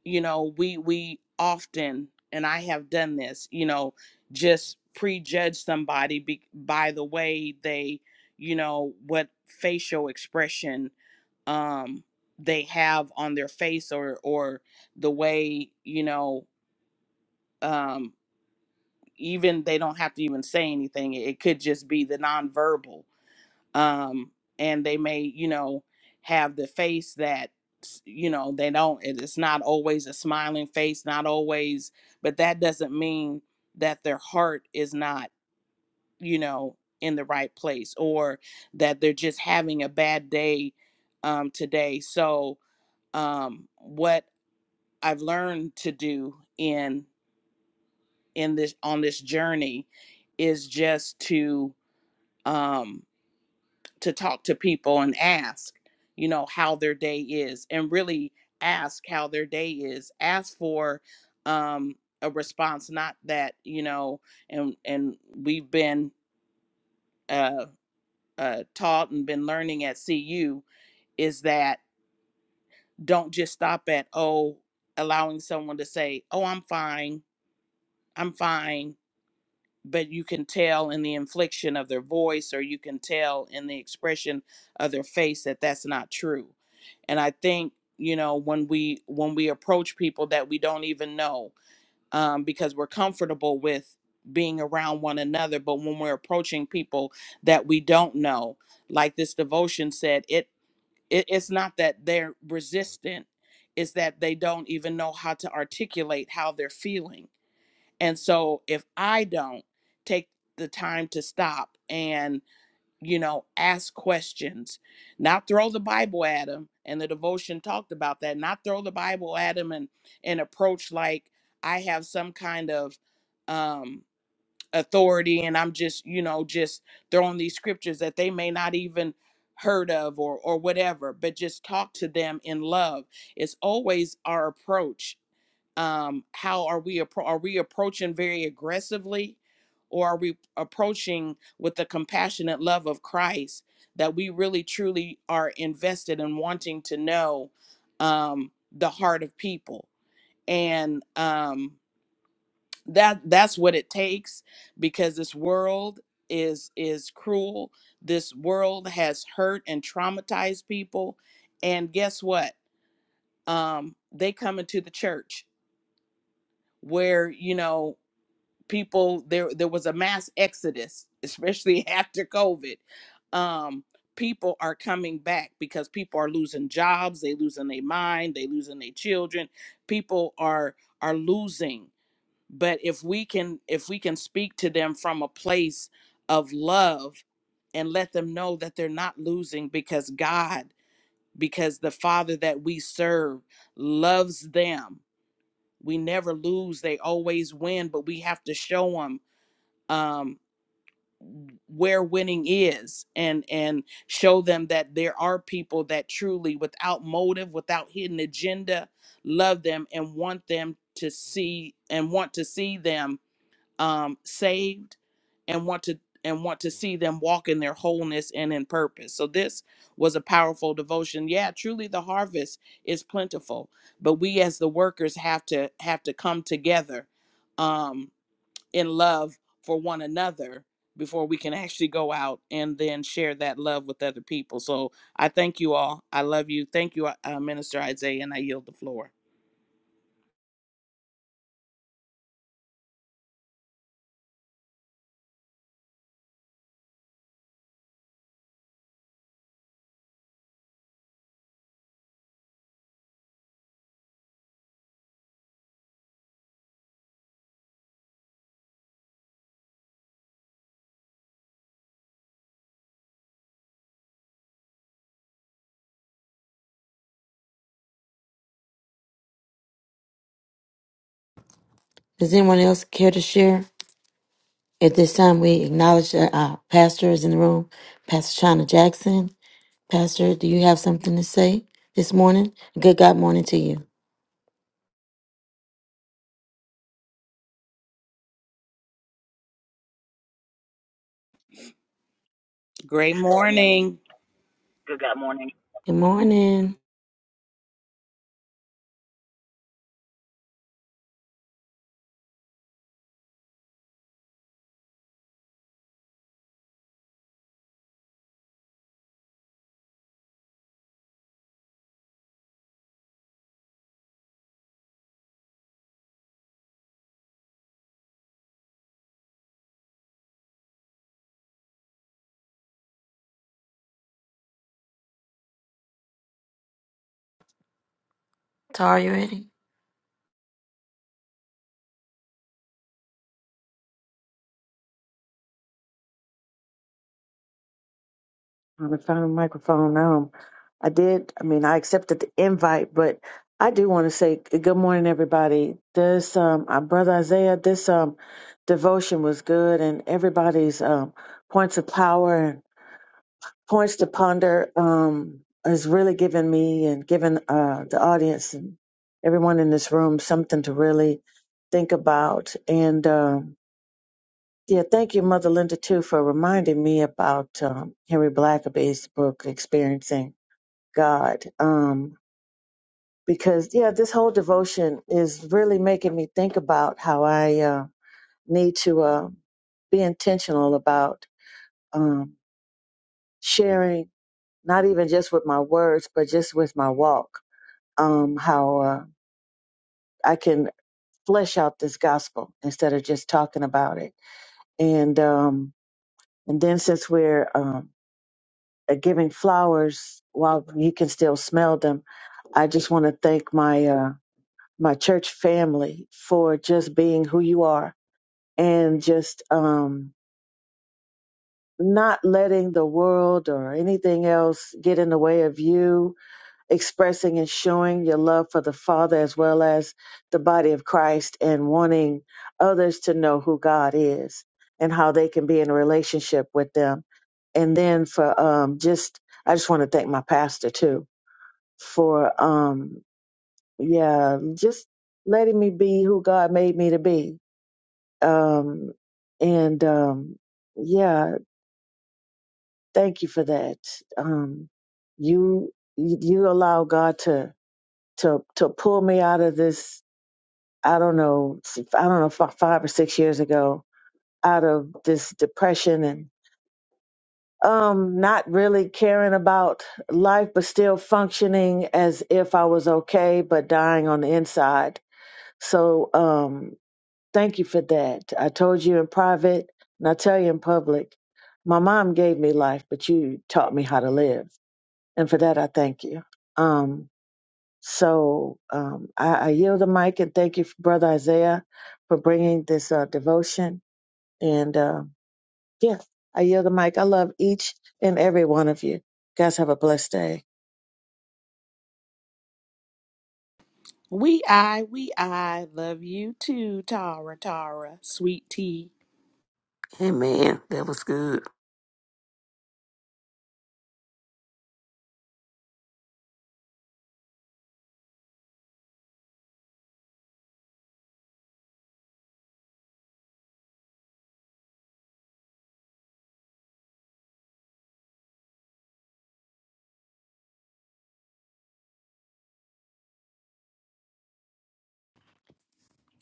[SPEAKER 4] you know we we often and I have done this, you know, just prejudge somebody be, by the way they, you know, what facial expression um they have on their face or or the way you know um even they don't have to even say anything it it could just be the nonverbal um and they may you know have the face that s- you know they don't it- it's not always a smiling face not always but that doesn't mean that their heart is not you know in the right place or that they're just having a bad day um today so um, what I've learned to do in in this on this journey is just to um, to talk to people and ask, you know, how their day is, and really ask how their day is. Ask for um, a response, not that you know, and and we've been uh, uh, taught and been learning at CU is that don't just stop at oh allowing someone to say oh i'm fine I'm fine, but you can tell in the inflection of their voice or you can tell in the expression of their face that that's not true. And I think, you know, when we when we approach people that we don't even know um, because we're comfortable with being around one another, but when we're approaching people that we don't know, like this devotion said, it, it it's not that they're resistant, it's that they don't even know how to articulate how they're feeling and so if I don't take the time to stop and, you know, ask questions, not throw the Bible at him, and the devotion talked about that, not throw the Bible at him and and approach like I have some kind of um authority and I'm just, you know, just throwing these scriptures that they may not even heard of or or whatever, but just talk to them in love. It's always our approach um how are we appro- are we approaching very aggressively or are we approaching with the compassionate love of Christ that we really truly are invested in wanting to know um the heart of people and um that that's what it takes because this world is is cruel this world has hurt and traumatized people and guess what um they come into the church where you know people there there was a mass exodus especially after covid um people are coming back because people are losing jobs they losing their mind they losing their children people are are losing but if we can if we can speak to them from a place of love and let them know that they're not losing because god because the father that we serve loves them we never lose they always win but we have to show them um where winning is and and show them that there are people that truly without motive without hidden agenda love them and want them to see and want to see them um saved and want to and want to see them walk in their wholeness and in purpose so this was a powerful devotion yeah truly the harvest is plentiful but we as the workers have to have to come together Um in love for one another before we can actually go out and then share that love with other people. So I thank you all. I love you. Thank you, uh, Minister Isaiah, and I yield the floor.
[SPEAKER 3] Does anyone else care to share? At this time, we acknowledge that our pastor is in the room, Pastor Shauna Jackson. Pastor, do you have something to say this morning? Good God morning to you.
[SPEAKER 4] Great morning.
[SPEAKER 5] Good God morning.
[SPEAKER 3] Good morning. Tara, you ready?
[SPEAKER 6] on the phone microphone. Um, I did. I mean, I accepted the invite, but I do want to say g- good morning, everybody. This, um, our brother Isaiah, this um, devotion was good, and everybody's um, points of power and points to ponder um, is really giving me and giving uh, the audience and everyone in this room something to really think about. And um, yeah, thank you, Mother Linda, too, for reminding me about um, Henry Blackaby's book, Experiencing God. Um, because, yeah, this whole devotion is really making me think about how I uh, need to uh, be intentional about um, sharing, not even just with my words, but just with my walk, um, how uh, I can flesh out this gospel instead of just talking about it. And, um, and then since we're um, uh, giving flowers while you can still smell them. I just want to thank my uh, my church family for just being who you are and just um, not letting the world or anything else get in the way of you expressing and showing your love for the Father as well as the body of Christ and wanting others to know who God is and how they can be in a relationship with them. And then for um, just, I just want to thank my pastor too for um yeah just letting me be who god made me to be um and um yeah thank you for that um you you allow god to to to pull me out of this i don't know i don't know fi- five or six years ago out of this depression and um not really caring about life but still functioning as if i was okay but dying on the inside So um, thank you for that. I told you in private, and I tell you in public. My mom gave me life, but you taught me how to live, and for that I thank you. Um, so um, I, I yield the mic and thank you, Brother Isaiah, for bringing this uh, devotion. And uh, yeah, I yield the mic. I love each and every one of you. Guys, have a blessed day.
[SPEAKER 4] We I, we I love you too, Tara, Tara, sweet tea.
[SPEAKER 1] Amen. That was good.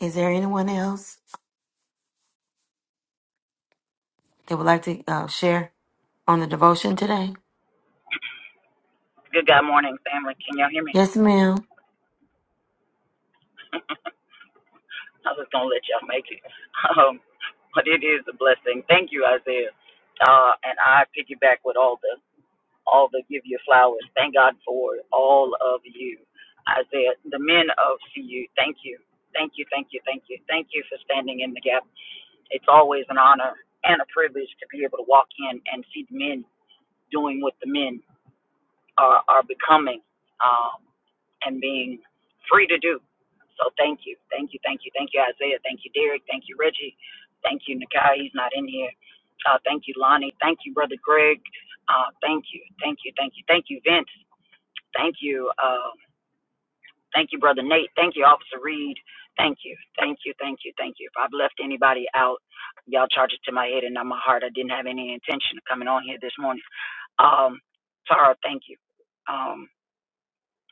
[SPEAKER 3] Is there anyone else that would like to uh, share on the devotion today?
[SPEAKER 5] Good God morning, family. Can y'all hear me?
[SPEAKER 3] Yes, ma'am.
[SPEAKER 5] I was gonna let y'all make it. Um, but it is a blessing. Thank you, Isaiah. Uh, and I piggyback with all the all the give you flowers. Thank God for all of you, Isaiah. The men of CU. Thank you, thank you, thank you, thank you, thank you for standing in the gap. It's always an honor and a privilege to be able to walk in and see the men doing what the men are, are becoming um, and being free to do. So thank you, thank you, thank you, thank you, Isaiah, thank you, Derek, thank you, Reggie, thank you, Nakai, he's not in here. Uh, thank you, Lonnie, thank you, Brother Greg, uh, thank you, thank you, thank you, thank you, Vince, thank you, uh, thank you, Brother Nate, thank you, Officer Reed, thank you, thank you, thank you, thank you. If I've left anybody out, y'all charge it to my head and not my heart. I didn't have any intention of coming on here this morning. Um, Tara, thank you. Um,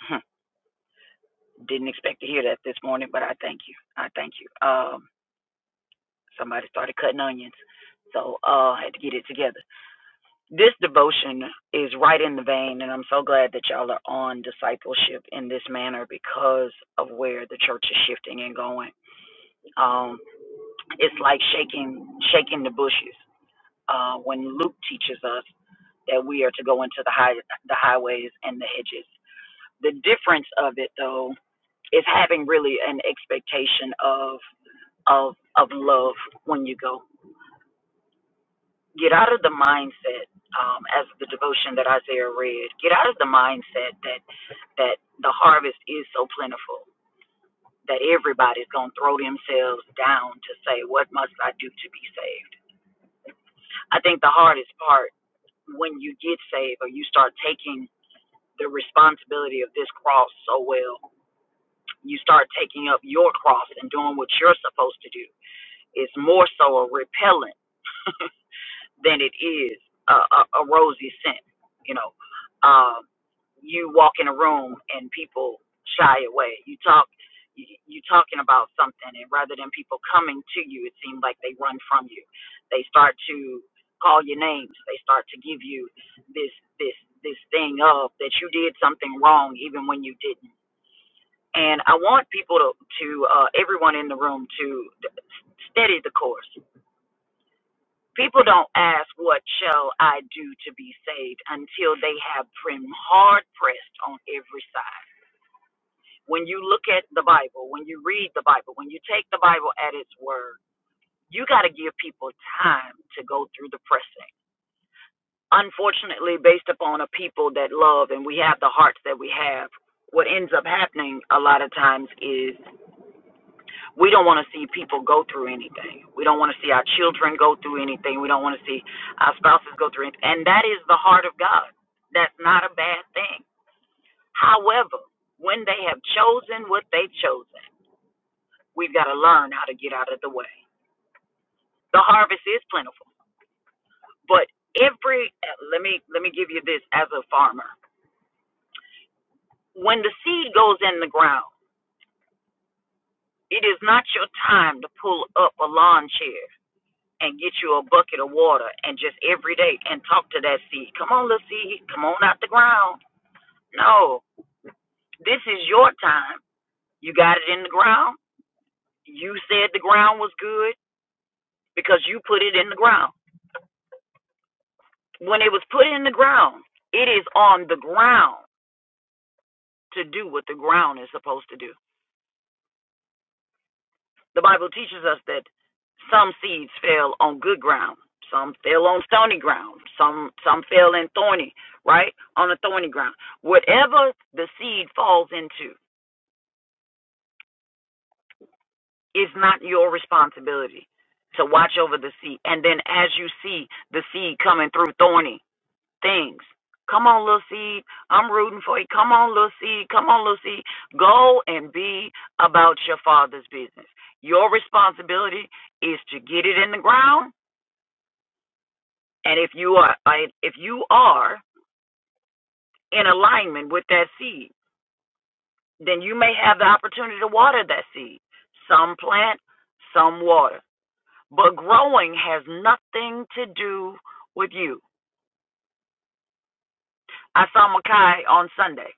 [SPEAKER 5] Didn't expect to hear that this morning, but I thank you. I thank you. Um, somebody started cutting onions, so uh, had to get it together. This devotion is right in the vein, and I'm so glad that y'all are on discipleship in this manner because of where the church is shifting and going. Um, it's like shaking, shaking the bushes. Uh, when Luke teaches us that we are to go into the high, the highways and the hedges. The difference of it, though, is having really an expectation of of of love when you go. Get out of the mindset, um, as the devotion that Isaiah read. Get out of the mindset that that the harvest is so plentiful that everybody's gonna throw themselves down to say, "What must I do to be saved?" I think the hardest part when you get saved or you start taking the responsibility of this cross so well, you start taking up your cross and doing what you're supposed to do. It's more so a repellent than it is a, a, a rosy scent. You know, um, you walk in a room and people shy away. You talk, you, you talking about something, and rather than people coming to you, it seems like they run from you. They start to call your names. They start to give you this this this thing of that you did something wrong even when you didn't. And I want people to to uh, everyone in the room to steady the course. People don't ask, What shall I do to be saved? until they have been hard pressed on every side. When you look at the Bible, when you read the Bible, when you take the Bible at its word, you got to give people time to go through the pressing. Unfortunately, based upon a people that love and we have the hearts that we have, what ends up happening a lot of times is we don't want to see people go through anything. We don't want to see our children go through anything. We don't want to see our spouses go through anything. And that is the heart of God. That's not a bad thing. However, when they have chosen what they've chosen, we've got to learn how to get out of the way. The harvest is plentiful, but every let me let me give you this as a farmer. When the seed goes in the ground, it is not your time to pull up a lawn chair and get you a bucket of water and just every day and talk to that seed. Come on, little seed. Come on out the ground. No, this is your time. You got it in the ground. You said the ground was good because you put it in the ground. When it was put in the ground, it is on the ground to do what the ground is supposed to do. The Bible teaches us that some seeds fell on good ground, some fell on stony ground, some some fell in thorny, right? On a thorny ground. Whatever the seed falls into is not your responsibility to watch over the seed. And then as you see the seed coming through thorny things, come on little seed, I'm rooting for you. Come on little seed, come on little seed. Go and be about your father's business. Your responsibility is to get it in the ground And if you are I- if you are in alignment with that seed, then you may have the opportunity to water that seed. Some plant, some water. But growing has nothing to do with you. I saw Makai on Sunday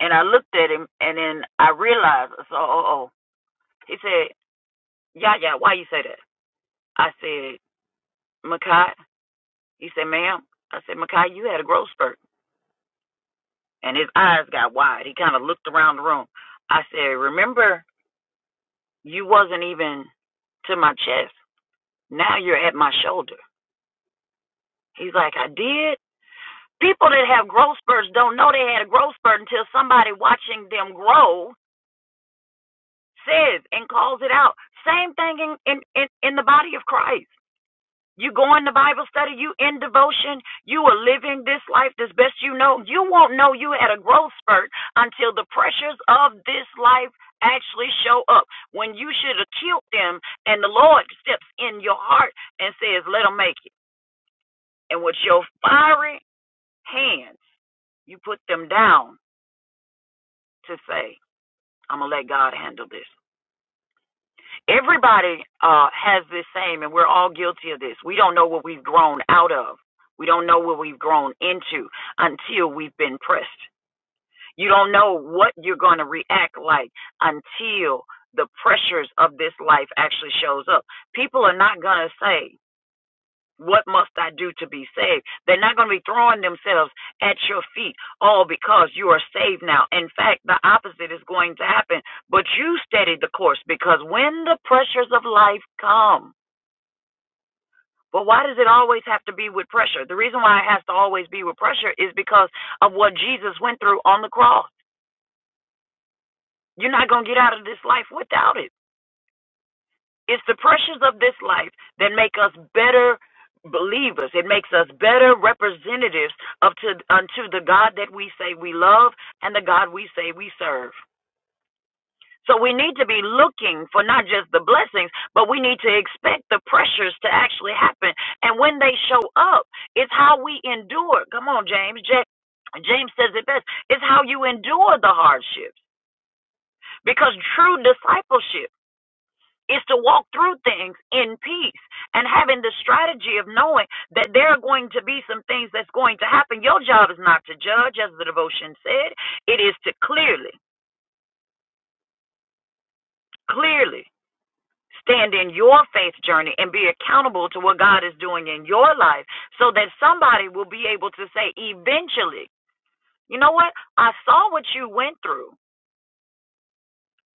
[SPEAKER 5] and I looked at him and then I realized so oh oh. He said, Yeah, yeah, why you say that? I said, Makai he said, Ma'am I said, Makai, you had a growth spurt and his eyes got wide. He kinda looked around the room. I said, Remember You wasn't even to my chest. Now you're at my shoulder. He's like, I did. People that have growth spurts don't know they had a growth spurt until somebody watching them grow says and calls it out. Same thing in in in, in the body of Christ. You go in the Bible study, you in devotion, you are living this life as best you know. You won't know you had a growth spurt until the pressures of this life actually show up. When you should have killed them, and the Lord steps in your heart and says, Let them make it. And with your fiery hands, you put them down to say, I'm going to let God handle this. everybody uh, has this same, and we're all guilty of this. We don't know what we've grown out of. We don't know what we've grown into until we've been pressed. You don't know what you're going to react like until the pressures of this life actually shows up. People are not going to say, what must I do to be saved? They're not going to be throwing themselves at your feet, all because you are saved now. In fact, the opposite is going to happen. But you steady the course because when the pressures of life come, but why does it always have to be with pressure? The reason why it has to always be with pressure is because of what Jesus went through on the cross. You're not going to get out of this life without it. It's the pressures of this life that make us better believers. It makes us better representatives of to, unto the God that we say we love and the God we say we serve. So we need to be looking for not just the blessings, but we need to expect the pressures to actually happen. And when they show up, it's how we endure. Come on, James. Ja- James says it best. It's how you endure the hardships. Because true discipleship is to walk through things in peace and having the strategy of knowing that there are going to be some things that's going to happen. Your job is not to judge, as the devotion said, it is to clearly, clearly stand in your faith journey and be accountable to what God is doing in your life so that somebody will be able to say, eventually, you know what? I saw what you went through,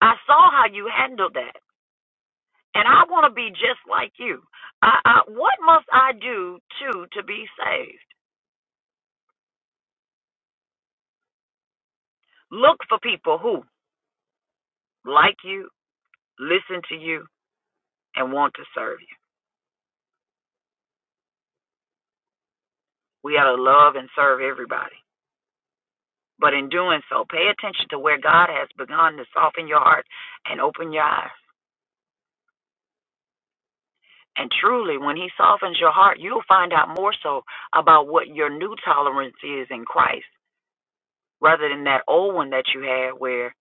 [SPEAKER 5] I saw how you handled that. And I want to be just like you. I, I, what must I do to to be saved? Look for people who like you, listen to you, and want to serve you. We ought to love and serve everybody. But in doing so, pay attention to where God has begun to soften your heart and open your eyes. And truly, when He softens your heart, you'll find out more so about what your new tolerance is in Christ rather than that old one that you had where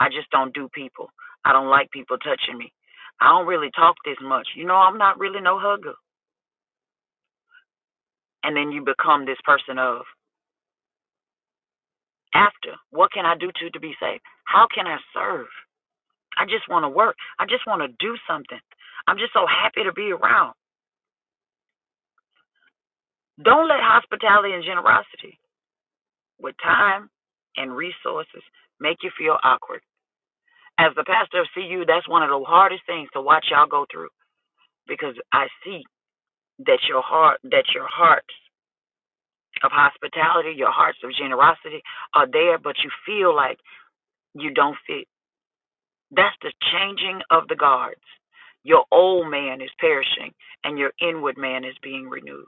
[SPEAKER 5] I just don't do people. I don't like people touching me. I don't really talk this much. You know, I'm not really no hugger. And then you become this person of after. What can I do to to be saved? How can I serve? I just want to work. I just want to do something. I'm just so happy to be around. Don't let hospitality and generosity with time and resources make you feel awkward. As the pastor of CU, that's one of the hardest things to watch y'all go through because I see that your heart that your hearts of hospitality, your hearts of generosity are there, but you feel like you don't fit That's the changing of the guards. Your old man is perishing and your inward man is being renewed.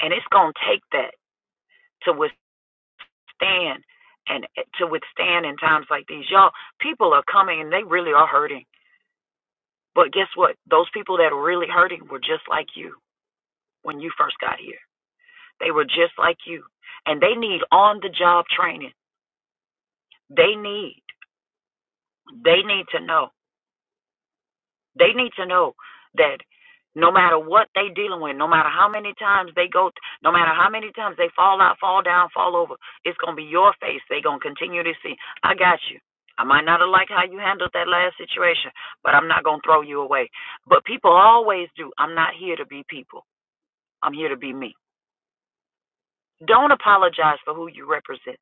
[SPEAKER 5] And it's going to take that to withstand and eh, to withstand in times like these. Y'all, people are coming and they really are hurting. But guess what? Those people that are really hurting were just like you when you first got here. They were just like you. And they need on the job training. They need they need to know They need to know that no matter what they dealing with, no matter how many times they go, no matter how many times they fall out, fall down, fall over, it's gonna be your face. They gonna continue to see. I got you. I might not have liked how you handled that last situation, but I'm not gonna throw you away. But people always do. I'm not here to be people. I'm here to be me. Don't apologize for who you represent.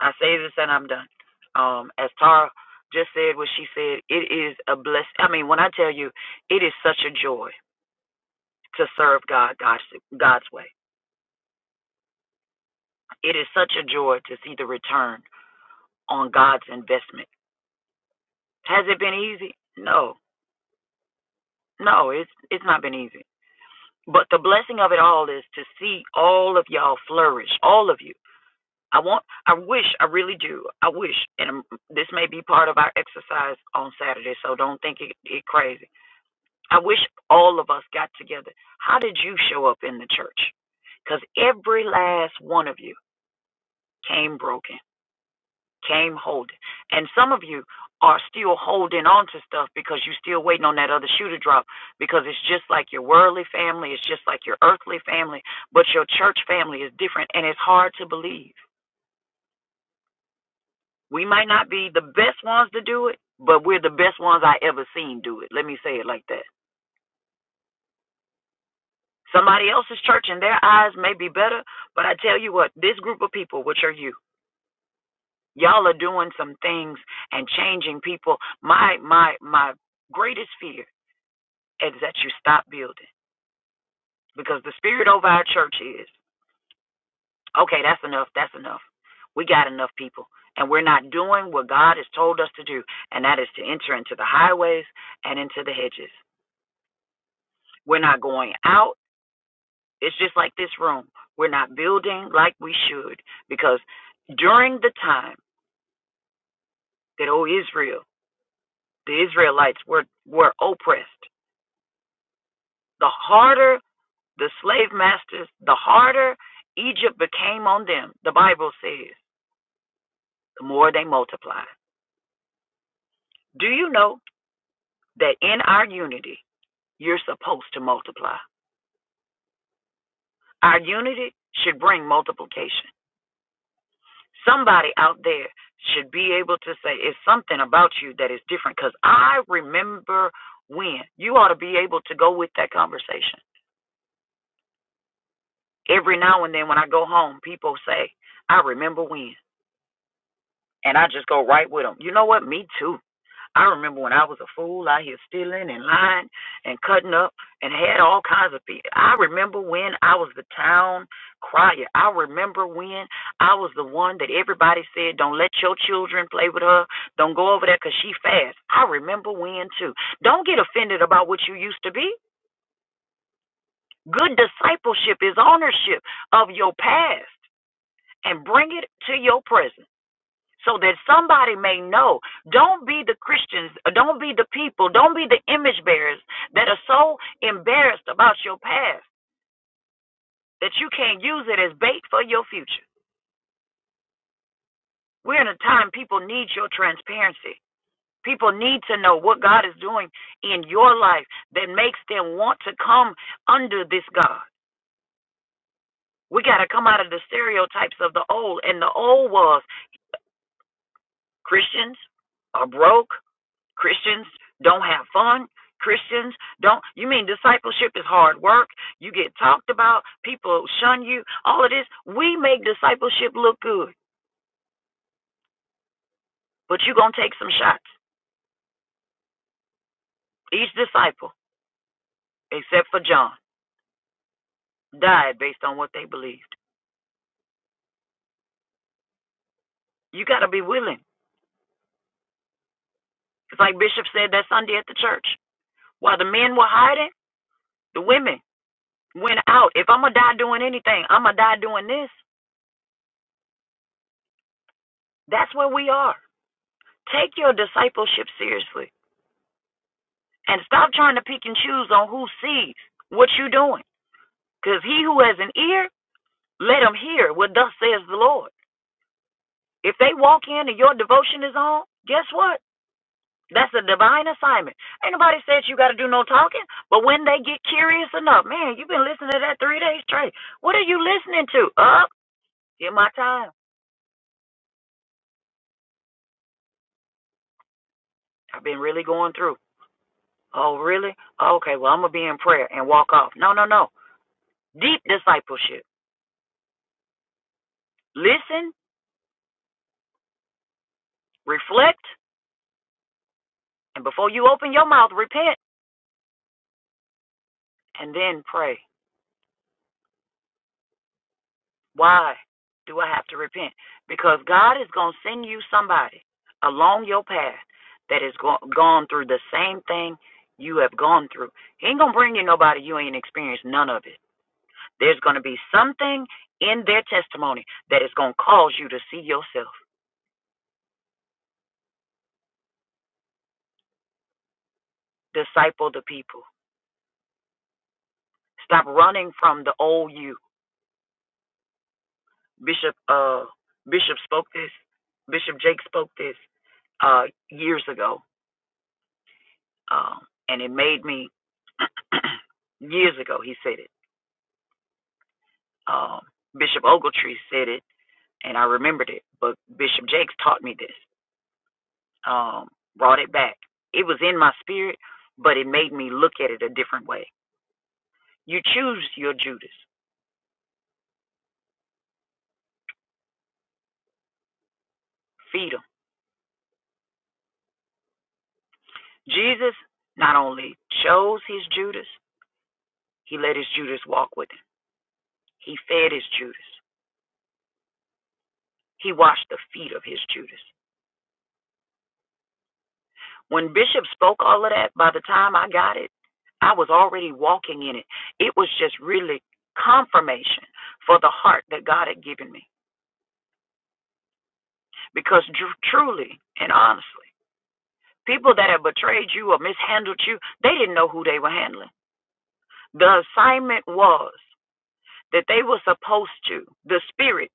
[SPEAKER 5] I say this and I'm done. Um, as Tara just said what she said, it is a bless. I mean, when I tell you, it is such a joy to serve God God's, God's way. It is such a joy to see the return on God's investment. Has it been easy? No. No, it's it's not been easy. But the blessing of it all is to see all of y'all flourish, all of you. I want I wish I really do. I wish and um, this may be part of our exercise on Saturday, so don't think it, it crazy. I wish all of us got together. How did you show up in the church? Cuz every last one of you came broken came holding. And some of you are still holding on to stuff because you're still waiting on that other shoe to drop because it's just like your worldly family, it's just like your earthly family, but your church family is different and it's hard to believe. We might not be the best ones to do it, but we're the best ones I ever seen do it. Let me say it like that. Somebody else's church in their eyes may be better, but I tell you what, this group of people, which are you, y'all are doing some things and changing people. My my my greatest fear Is that you stop building. Because the spirit over our church is, okay, that's enough, that's enough. We got enough people, and we're not doing what God has told us to do, and that is to enter into the highways and into the hedges. We're not going out. It's just like this room. We're not building like we should because during the time that, oh, Israel, the Israelites were, were oppressed, the harder the slave masters, the harder Egypt became on them, the Bible says the more they multiply. Do you know that in our unity, you're supposed to multiply? Our unity should bring multiplication. Somebody out there should be able to say, It's something about you that is different because I remember when. You ought to be able to go with that conversation. Every now and then when I go home, people say, I remember when. And I just go right with them. You know what? Me too. I remember when I was a fool out here stealing and lying and cutting up and had all kinds of people. I remember when I was the town crier. I remember when I was the one that everybody said, don't let your children play with her. Don't go over there because she fast. I remember when too. Don't get offended about what you used to be. Good discipleship is ownership of your past and bring it to your present so that somebody may know. Don't be the Christians, uh, don't be the people, don't be the image bearers that are so embarrassed about your past that you can't use it as bait for your future. We're in a time people need your transparency. People need to know what God is doing in your life that makes them want to come under this God. We got to come out of the stereotypes of the old, and the old was Christians are broke, Christians don't have fun. Christians don't. You mean discipleship is hard work? You get talked about. People shun you. All of this. We make discipleship look good, but you're going to take some shots. Each disciple, except for John, died based on what they believed. You got to be willing. It's like Bishop said that Sunday at the church. While the men were hiding, the women went out. If I'm going to die doing anything, I'm going to die doing this. That's where we are. Take your discipleship seriously. And stop trying to pick and choose on who sees what you're doing. Because he who has an ear, let him hear what thus says the Lord. If they walk in and your devotion is on, guess what? That's a divine assignment. Ain't nobody said you got to do no talking, but when they get curious enough, man, you've been listening to that three days straight. What are you listening to? Up, get my time. I've been really going through. Oh, really? Okay, well, I'm going to be in prayer and walk off. No, no, no. Deep discipleship. Listen, reflect, And before you open your mouth, repent and then pray. Why do I have to repent? Because God is going to send you somebody along your path that has go- gone through the same thing you have gone through. He ain't going to bring you nobody you ain't experienced none of it. There's going to be something in their testimony that is going to cause you to see yourself. Disciple the people. Stop running from the old you. Bishop uh Bishop spoke this. Bishop Jake spoke this uh years ago Um, and it made me years ago. He said it. Um, Bishop Ogletree said it, and I remembered it. But Bishop Jakes taught me this. Um, brought it back. It was in my spirit, but it made me look at it a different way. You choose your Judas. Feed him. Jesus not only chose his Judas, he let his Judas walk with him. He fed his Judas. He washed the feet of his Judas. When Bishop spoke all of that, by the time I got it, I was already walking in it. It was just really confirmation for the heart that God had given me. Because tr- truly and honestly, people that have betrayed you or mishandled you, they didn't know who they were handling. The assignment was that they were supposed to, the spirit,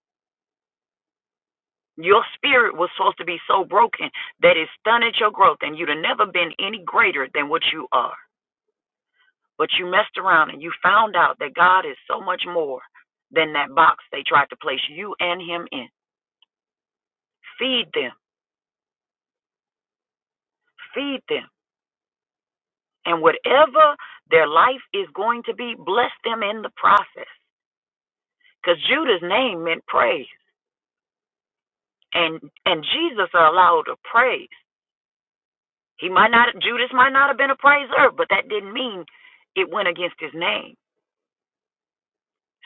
[SPEAKER 5] your spirit was supposed to be so broken that it stunted your growth and you'd have never been any greater than what you are. But you messed around and you found out that God is so much more than that box they tried to place you and Him in. Feed them, feed them. And whatever their life is going to be, bless them in the process. Because Judah's name meant praise. And and Jesus allowed a praise. He might not Judas might not have been a praiser, but that didn't mean it went against his name.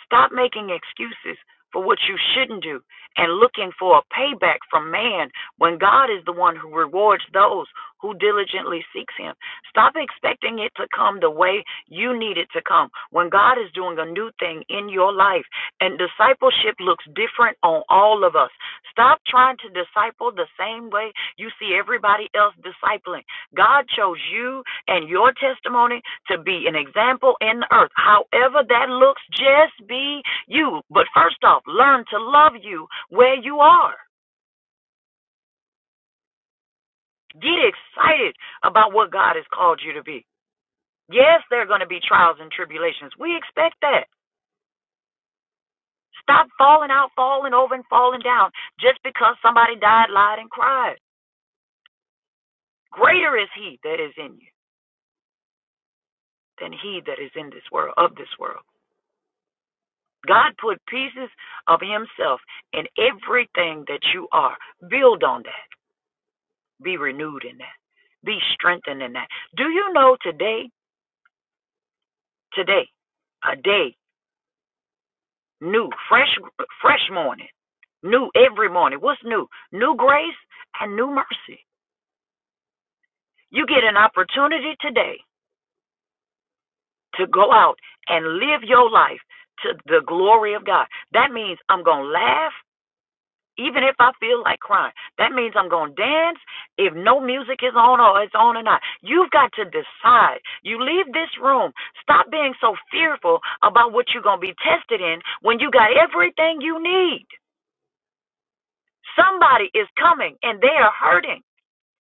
[SPEAKER 5] Stop making excuses for what you shouldn't do and looking for a payback from man when God is the one who rewards those who diligently seeks him. Stop expecting it to come the way you need it to come when God is doing a new thing in your life. And discipleship looks different on all of us. Stop trying to disciple the same way you see everybody else discipling. God chose you and your testimony to be an example in the earth. However that looks, just be you. But first off, learn to love you where you are. Get excited about what God has called you to be. Yes, there are going to be trials and tribulations. We expect that. Stop falling out, falling over, and falling down just because somebody died, lied, and cried. Greater is He that is in you than He that is in this world, of this world. God put pieces of Himself in everything that you are. Build on that. Be renewed in that. Be strengthened in that. Do you know today, today, a day new, fresh, fresh morning, new every morning? What's new? New grace and new mercy. You get an opportunity today to go out and live your life to the glory of God. That means I'm going to laugh. Even if I feel like crying, that means I'm going to dance if no music is on or it's on or not. You've got to decide. You leave this room. Stop being so fearful about what you're going to be tested in when you got everything you need. Somebody is coming and they are hurting.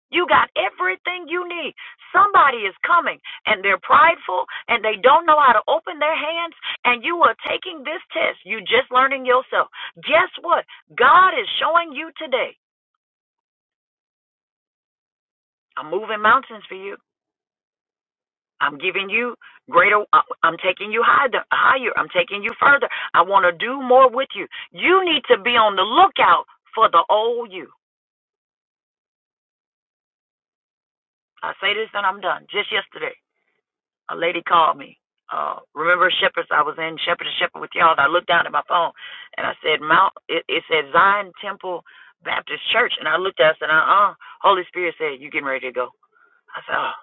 [SPEAKER 5] You got everything you need. Somebody is coming and they're prideful and they don't know how to open their hands and you are taking this test. You just learning yourself. Guess what? God is showing you today I'm moving mountains for you. I'm giving you greater. I- I'm taking you higher. Higher. I'm taking you further. I want to do more with you. You need to be on the lookout for the old you. I say this and I'm done. Just yesterday, a lady called me. Uh, remember Shepherds? I was in Shepherd to Shepherd with y'all. And I looked down at my phone and I said Mount. It, it said Zion Temple Baptist Church, and I looked at. It, and I said, Uh uh. Holy Spirit said, You getting ready to go? I said, Oh,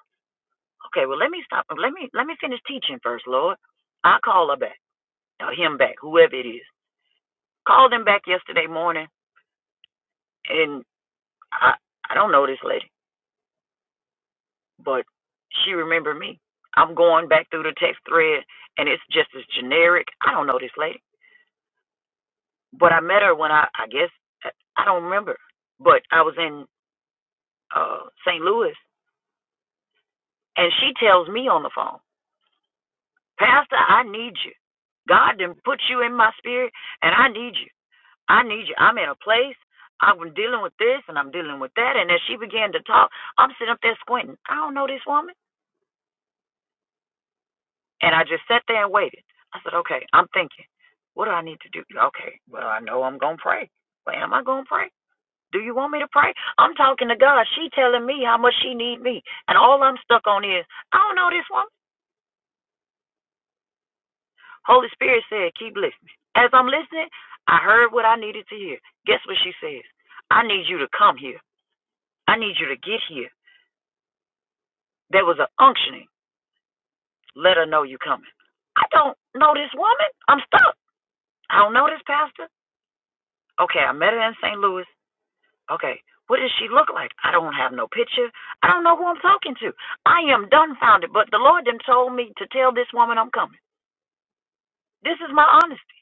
[SPEAKER 5] okay. Well, let me stop. Let me let me finish teaching first, Lord. I call her back. or him back, whoever it is. Called him back yesterday morning, and I I don't know this lady, but she remembered me. I'm going back through the text thread, and it's just as generic. I don't know this lady, but I met her when I I guess I don't remember, but I was in uh St. Louis, and she tells me on the phone, Pastor, I need you. God didn't put you in my spirit, and I need you. I need you. I'm in a place. I'm dealing with this and I'm dealing with that. And as she began to talk, I'm sitting up there squinting. I don't know this woman. And I just sat there and waited. I said, okay, I'm thinking, what do I need to do? Okay, well, I know I'm going to pray. Well, am I going to pray? Do you want me to pray? I'm talking to God. She telling me how much she need me. And all I'm stuck on is, I don't know this woman. Holy Spirit said, keep listening. As I'm listening, I heard what I needed to hear. Guess what she says? I need you to come here. I need you to get here. There was an unctioning. Let her know you coming. I don't know this woman. I'm stuck. I don't know this pastor. Okay, I met her in St. Louis. Okay, what does she look like? I don't have no picture. I don't know who I'm talking to. I am dumbfounded, but the Lord then told me to tell this woman I'm coming. This is my honesty.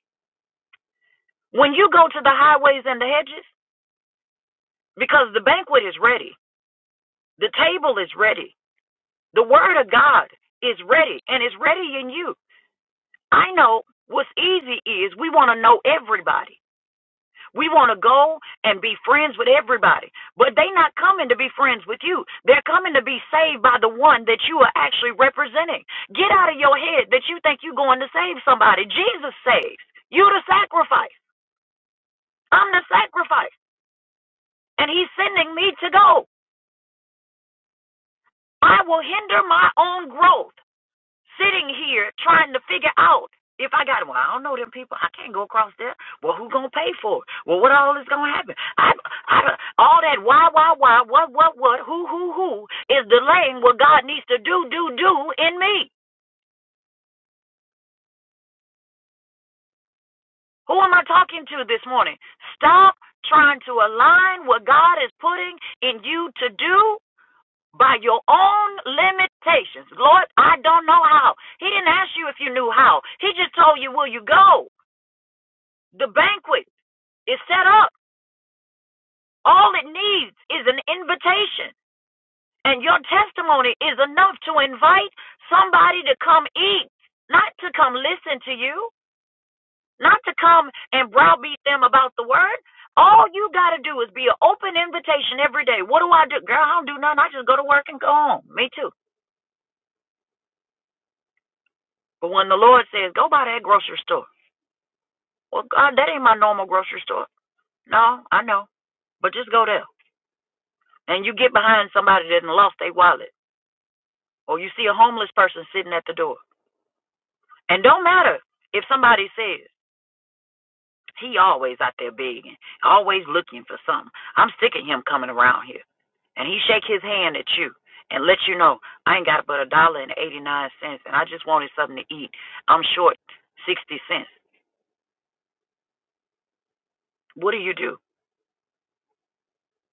[SPEAKER 5] When you go to the highways and the hedges, because the banquet is ready, the table is ready, the word of God is ready, and it's ready in you. I know what's easy is we want to know everybody. We want to go and be friends with everybody, but they're not coming to be friends with you. They're coming to be saved by the one that you are actually representing. Get out of your head that you think you're going to save somebody. Jesus saves. You the sacrifice. I'm the sacrifice. And he's sending me to go. I will hinder my own growth. sitting here trying to figure out if I got well, I don't know them people. I can't go across there. Well, who gonna pay for it? Well, what all is gonna happen? I, I, all that why, why, why, what, what, what, who, who, who is delaying what God needs to do, do, do in me? Who am I talking to this morning? Stop trying to align what God is putting in you to do by your own limitations. Lord, I don't know how. He didn't ask you if you knew how. He just told you, will you go? The banquet. It's set up. All it needs is an invitation. And your testimony is enough to invite somebody to come eat, not to come listen to you, not to come and browbeat them about the word. All you got to do is be an open invitation every day. What do I do? Girl, I don't do nothing. I just go to work and go home. Me too. But when the Lord says, go by that grocery store, well, God, that ain't my normal grocery store. No, I know. But just go there. And you get behind somebody that lost their wallet or you see a homeless person sitting at the door. And don't matter if somebody says, he always out there begging, always looking for something. I'm sick of him coming around here. And he shake his hand at you and let you know, I ain't got but a dollar and 89 cents and I just wanted something to eat. I'm short 60 cents. What do you do?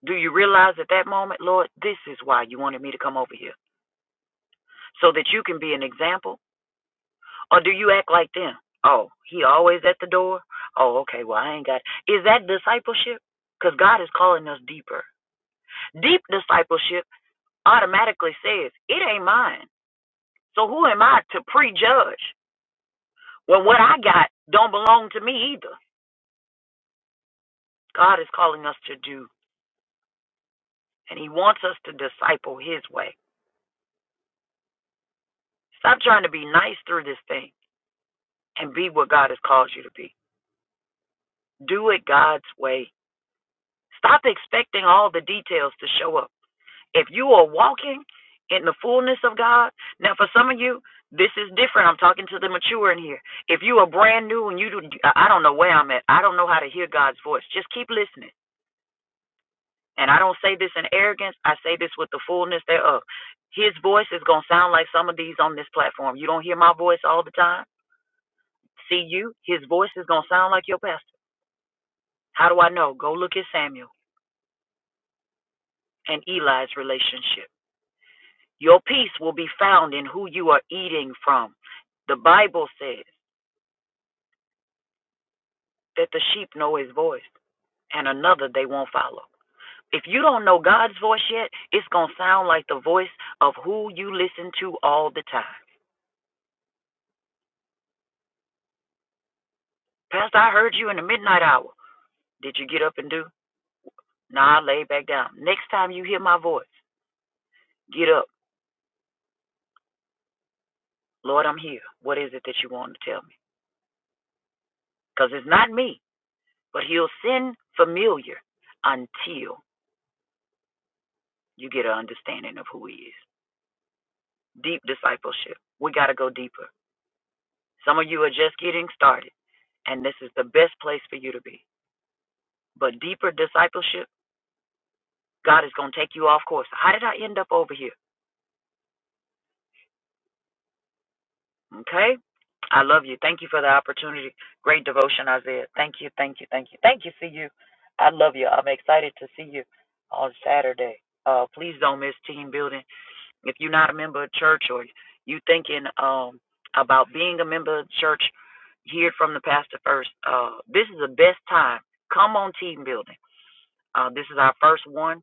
[SPEAKER 5] Do you realize at that moment, Lord, this is why you wanted me to come over here? So that you can be an example Or do you act like them? Oh, he always at the door? Oh, okay, well, I ain't got. it. Is that discipleship? Because God is calling us deeper. Deep discipleship automatically says, it ain't mine. So who am I to prejudge when what I got don't belong to me either? God is calling us to do, and He wants us to disciple His way. Stop trying to be nice through this thing and be what God has called you to be. Do it God's way. Stop expecting all the details to show up. if you are walking in the fullness of God, now for some of you, this is different. I'm talking to the mature in here. If you are brand new and you do, I don't know where I'm at. I don't know how to hear God's voice. Just keep listening. And I don't say this in arrogance. I say this with the fullness thereof. His voice is going to sound like some of these on this platform. You don't hear my voice all the time. See you. His voice is going to sound like your pastor. How do I know? Go look at Samuel and Eli's relationship. Your peace will be found in who you are eating from. The Bible says that the sheep know his voice and another they won't follow. If you don't know God's voice yet, it's going to sound like the voice of who you listen to all the time. Pastor, I heard you in the midnight hour. Did you get up and do? Nah, I lay back down. Next time you hear my voice, get up. Lord, I'm here. What is it that you want to tell me? Because it's not me, but he'll send familiar until you get an understanding of who he is. deep discipleship. We got to go deeper. Some of you are just getting started, and this is the best place for you to be. But deeper discipleship, God is going to take you off course. How did I end up over here? Okay? I love you. Thank you for the opportunity. Great devotion, Isaiah. Thank you, thank you, thank you. Thank you, see you. I love you. I'm excited to see you on Saturday. Uh, please don't miss team building. If you're not a member of church or you thinking um about being a member of church, hear from the pastor first. Uh, this is the best time. Come on team building. Uh, this is our first one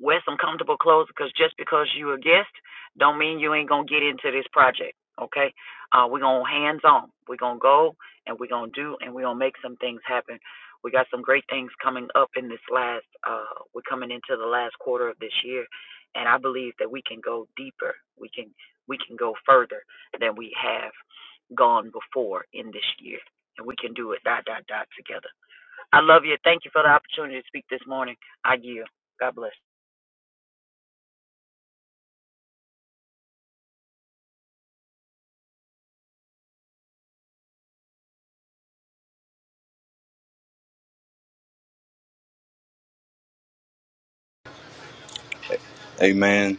[SPEAKER 5] Wear some comfortable clothes because just because you a guest don't mean you ain't gonna get into this project. Okay? Uh, we're gonna hands on. We're gonna go and we're gonna do and we're gonna make some things happen. We got some great things coming up in this last uh we're coming into the last quarter of this year and I believe that we can go deeper. We can we can go further than we have gone before in this year. And we can do it dot dot dot together. I love you. Thank you for the opportunity to speak this morning. I yield. God bless.
[SPEAKER 7] Amen.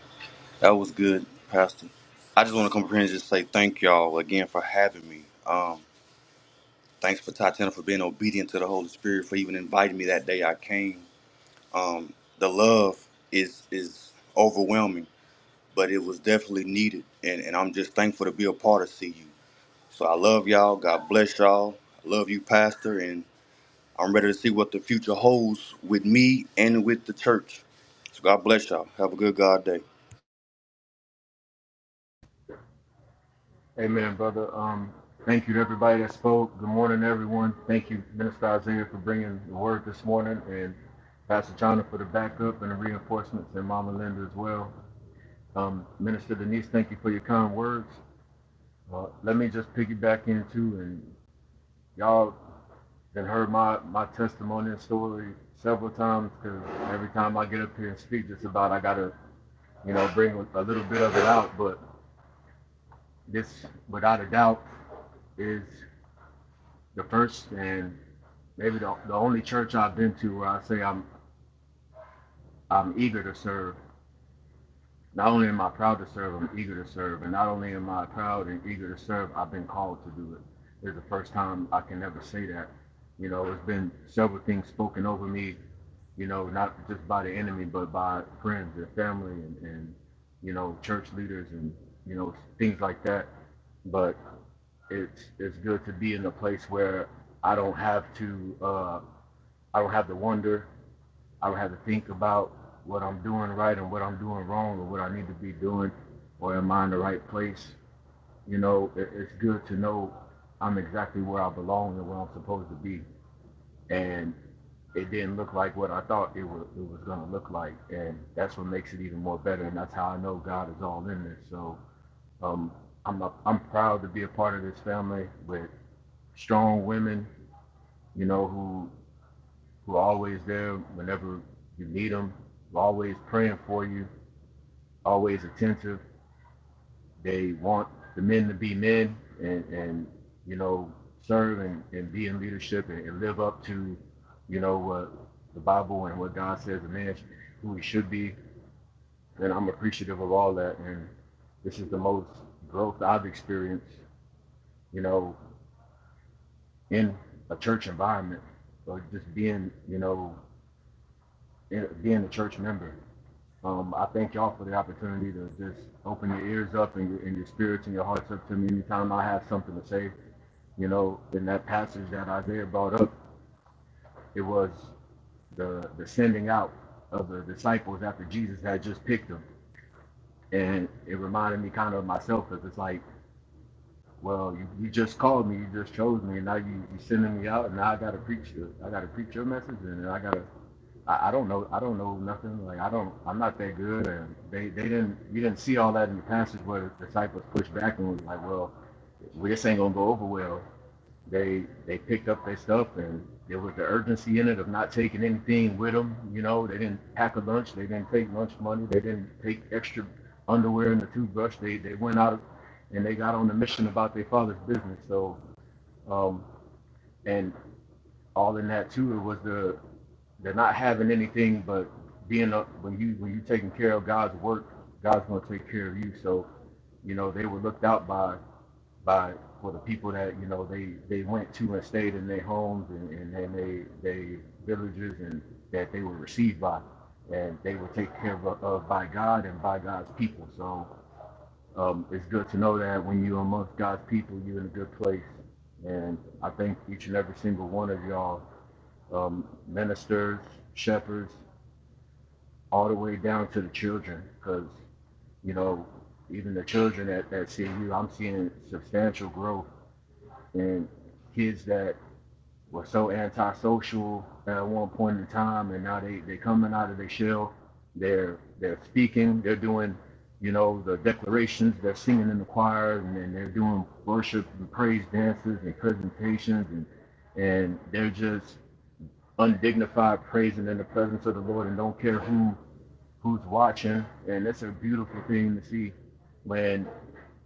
[SPEAKER 7] That was good, Pastor. I just want to come here and just say thank y'all again for having me. Um, thanks for Tatiana for being obedient to the Holy Spirit for even inviting me that day I came. The love is is overwhelming, but it was definitely needed, and and I'm just thankful to be a part of CU. So I love y'all. God bless y'all. I love you, Pastor, and I'm ready to see what the future holds with me and with the church. So God bless y'all. Have a good God day.
[SPEAKER 8] Amen, brother. Um, thank you to everybody that spoke. Good morning, everyone. Thank you, Minister Isaiah, for bringing the word this morning, and Pastor Chana for the backup and the reinforcements, and Mama Linda as well. Um, Minister Denise, thank you for your kind words. Uh, let me just piggyback into, and y'all have heard my, my testimony and story several times, because every time I get up here and speak just about, I got to, you know, bring a little bit of it out, but this, without a doubt, is the first and maybe the, the only church I've been to where I say I'm I'm eager to serve. Not only am I proud to serve, I'm eager to serve, and not only am I proud and eager to serve, I've been called to do it. It's the first time I can ever say that. You know, it's been several things spoken over me. You know, not just by the enemy, but by friends and family and, and you know church leaders and you know things like that. But it's it's good to be in a place where I don't have to uh, I don't have to wonder I would have to think about what I'm doing right and what I'm doing wrong or what I need to be doing or am I in the right place? You know, it, it's good to know I'm exactly where I belong and where I'm supposed to be. And it didn't look like what I thought it was, it was going to look like. And that's what makes it even more better. And that's how I know God is all in this. So um, I'm, a, I'm proud to be a part of this family with strong women, you know, who, who are always there whenever you need them, always praying for you always attentive. They want the men to be men and, and you know, serve and, and be in leadership and, and live up to, you know, what the Bible and what God says a man, who he should be. And I'm appreciative of all that. And this is the most growth I've experienced, you know, in a church environment or just being, you know, in, being a church member. Um, I thank y'all for the opportunity to just open your ears up and your, and your spirits and your hearts up to me anytime I have something to say. You know, in that passage that Isaiah brought up, it was the, the sending out of the disciples after Jesus had just picked them. And it reminded me kind of myself because it's like, well, you, you just called me, you just chose me, and now you, you sending me out, and now I got to preach, the- I got to preach your message, and I got to I, I don't know. I don't know nothing. Like I don't. I'm not that good. And they, they didn't. We didn't see all that in the passage where the disciples pushed back and was like, "Well, we this ain't gonna go over well." They they picked up their stuff and there was the urgency in it of not taking anything with them. You know, they didn't pack a lunch. They didn't take lunch money. They didn't take extra underwear and a toothbrush. They they went out and they got on the mission about their father's business. So um and all in that too it was the they're not having anything, but being a, when you when you taking care of God's work, God's going to take care of you. So, you know, they were looked out by by for the people that you know they they went to and stayed in their homes and and, and they they villages and that they were received by, and they were taken care of, of by God and by God's people. So. Um, it's good to know that when you're amongst God's people, you're in a good place. And I thank each and every single one of y'all, um, ministers, shepherds, all the way down to the children because you know even the children at, at CU, I'm seeing substantial growth in kids that were so antisocial at one point in time, and now they they coming out of their shell. They're they're speaking. They're doing, you know, the declarations. They're singing in the choir, and, then they're doing worship and praise dances and presentations, and and they're just undignified praising in the presence of the Lord, and don't care who who's watching, and it's a beautiful thing to see when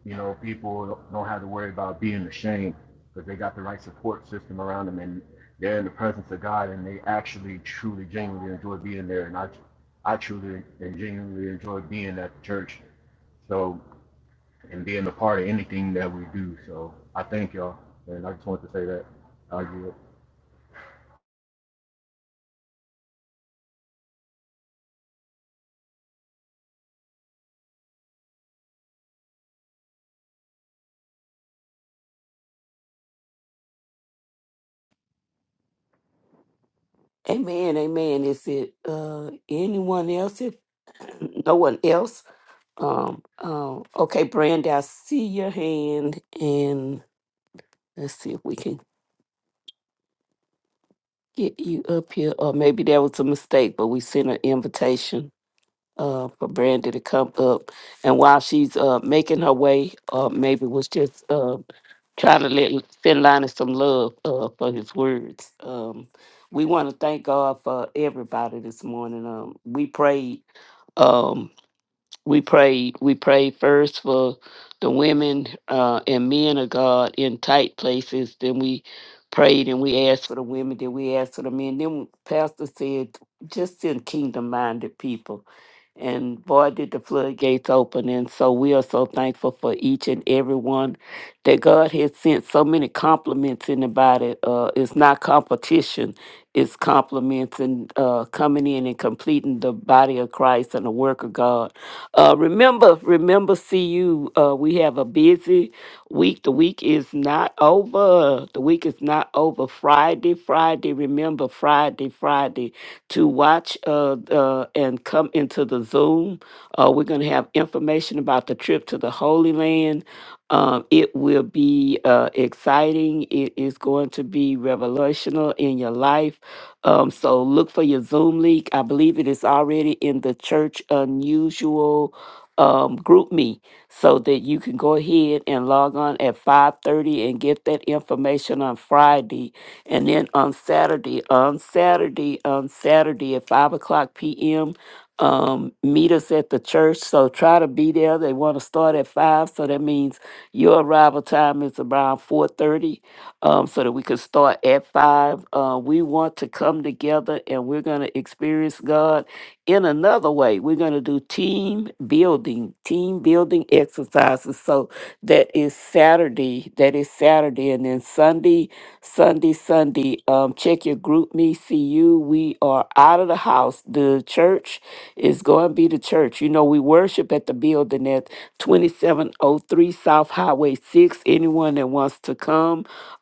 [SPEAKER 8] you know people don't have to worry about being ashamed because they got the right support system around them and they're in the presence of God and they actually truly genuinely enjoy being there and I I truly and genuinely enjoy being at the church so and being a part of anything that we do so I thank y'all and I just wanted to say that I do it.
[SPEAKER 1] Amen, amen. Is it uh, anyone else? If no one else, um, um, okay, Brand, I see your hand, and let's see if we can get you up here, or maybe that was a mistake, but we sent an invitation. uh, for Brandy to come up. And while she's uh, making her way, uh, maybe was just uh, trying to let send Linus some love uh, for his words. Um, we want to thank God for everybody this morning. Um, we prayed. Um, we prayed. We prayed first for the women uh, and men of God in tight places. Then we prayed and we asked for the women. Then we asked for the men. Then Pastor said, just send kingdom minded people. And boy, did the floodgates open. And so we are so thankful for each and every one that God has sent so many compliments in the body. Uh, it's not competition, it's compliments and uh, coming in and completing the body of Christ and the work of God. Uh, remember, remember, see you. uh, we have a busy week. The week is not over. The week is not over. Friday, Friday, remember, Friday, Friday, to watch uh, uh, and come into the Zoom. Uh, we're going to have information about the trip to the Holy Land. Um, it will be uh, exciting. It is going to be revelational in your life um, so look for your Zoom link. I believe it is already in the Church Unusual um, group me so that you can go ahead and log on at 5.30 and get that information on friday and then on saturday on saturday on saturday at 5 o'clock p.m um, meet us at the church so try to be there they want to start at 5 so that means your arrival time is around 4.30 um, so that we could start at five. Uh, we want to come together and we're going to experience God in another way. We're going to do team building, team building exercises. So that is Saturday. That is Saturday. And then Sunday, Sunday, Sunday, um, check your group me, see you. We are out of the house. The church is going to be the church. You know, we worship at the building at 2703 South Highway 6. Anyone that wants to come,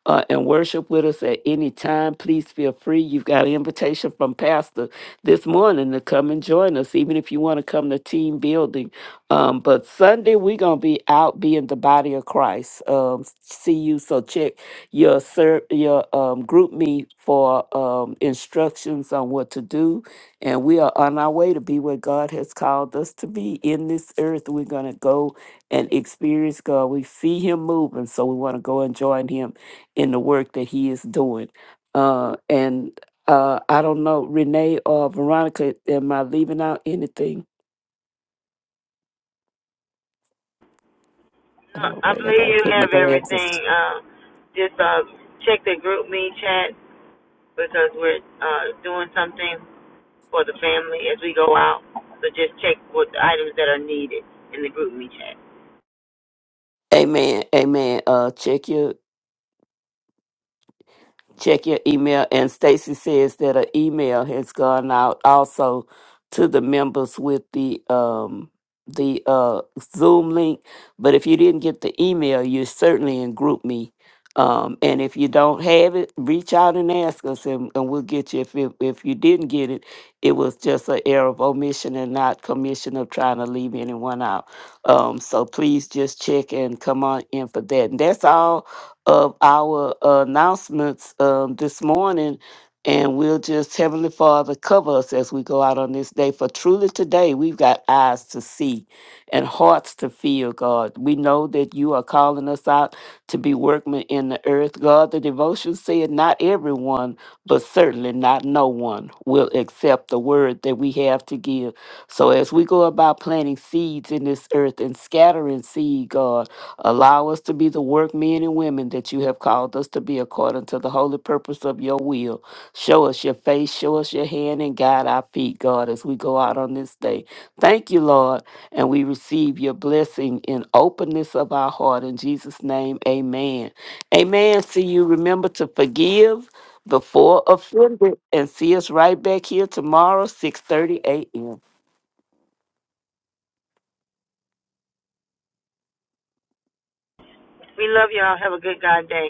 [SPEAKER 1] uh, and worship with us at any time, please feel free. You've got an invitation from Pastor this morning to come and join us, even if you want to come to team building. Um, but Sunday, we're going to be out being the body of Christ. Um, see you. So check your, ser- your um, group me for um, instructions on what to do. And we are on our way to be where God has called us to be in this earth. We're going to go and experience God. We see Him moving, so we want to go and join Him in the work that he is doing. Uh, and uh, I don't know, Renee or Veronica, am I leaving out anything? Oh,
[SPEAKER 3] I
[SPEAKER 1] wait, I
[SPEAKER 3] believe
[SPEAKER 1] gotta
[SPEAKER 3] you
[SPEAKER 1] put my
[SPEAKER 3] have everything.
[SPEAKER 1] glasses.
[SPEAKER 3] Uh, just uh, check the group me chat because we're uh, doing something for the family as we go out. So just check what the items that are needed in the group me chat.
[SPEAKER 1] Amen, amen. Uh, check your check your email. And Stacy says that an email has gone out also to the members with the um the uh Zoom link. But if you didn't get the email, you're certainly in Group Me. Um, and if you don't have it, reach out and ask us, and, and we'll get you. If it, if you didn't get it, it was just an error of omission and not commission of trying to leave anyone out. Um, so please just check and come on in for that. And that's all of our uh, announcements um, this morning. And we'll just, Heavenly Father, cover us as we go out on this day. For truly today, we've got eyes to see and hearts to feel, God. We know that you are calling us out to be workmen in the earth. God, the devotion said, Not everyone, but certainly not no one, will accept the word that we have to give. So as we go about planting seeds in this earth and scattering seed, God, Allow us to be the workmen and women that you have called us to be according to the holy purpose of your will. Show us your face, show us your hand, and guide our feet, God, as we go out on this day. Thank you, Lord, and we receive your blessing in openness of our heart. In Jesus' name, amen. Amen. See you. Remember to forgive before offended and see us right back here tomorrow, 6.30 a.m.
[SPEAKER 3] We love y'all. Have a good God day.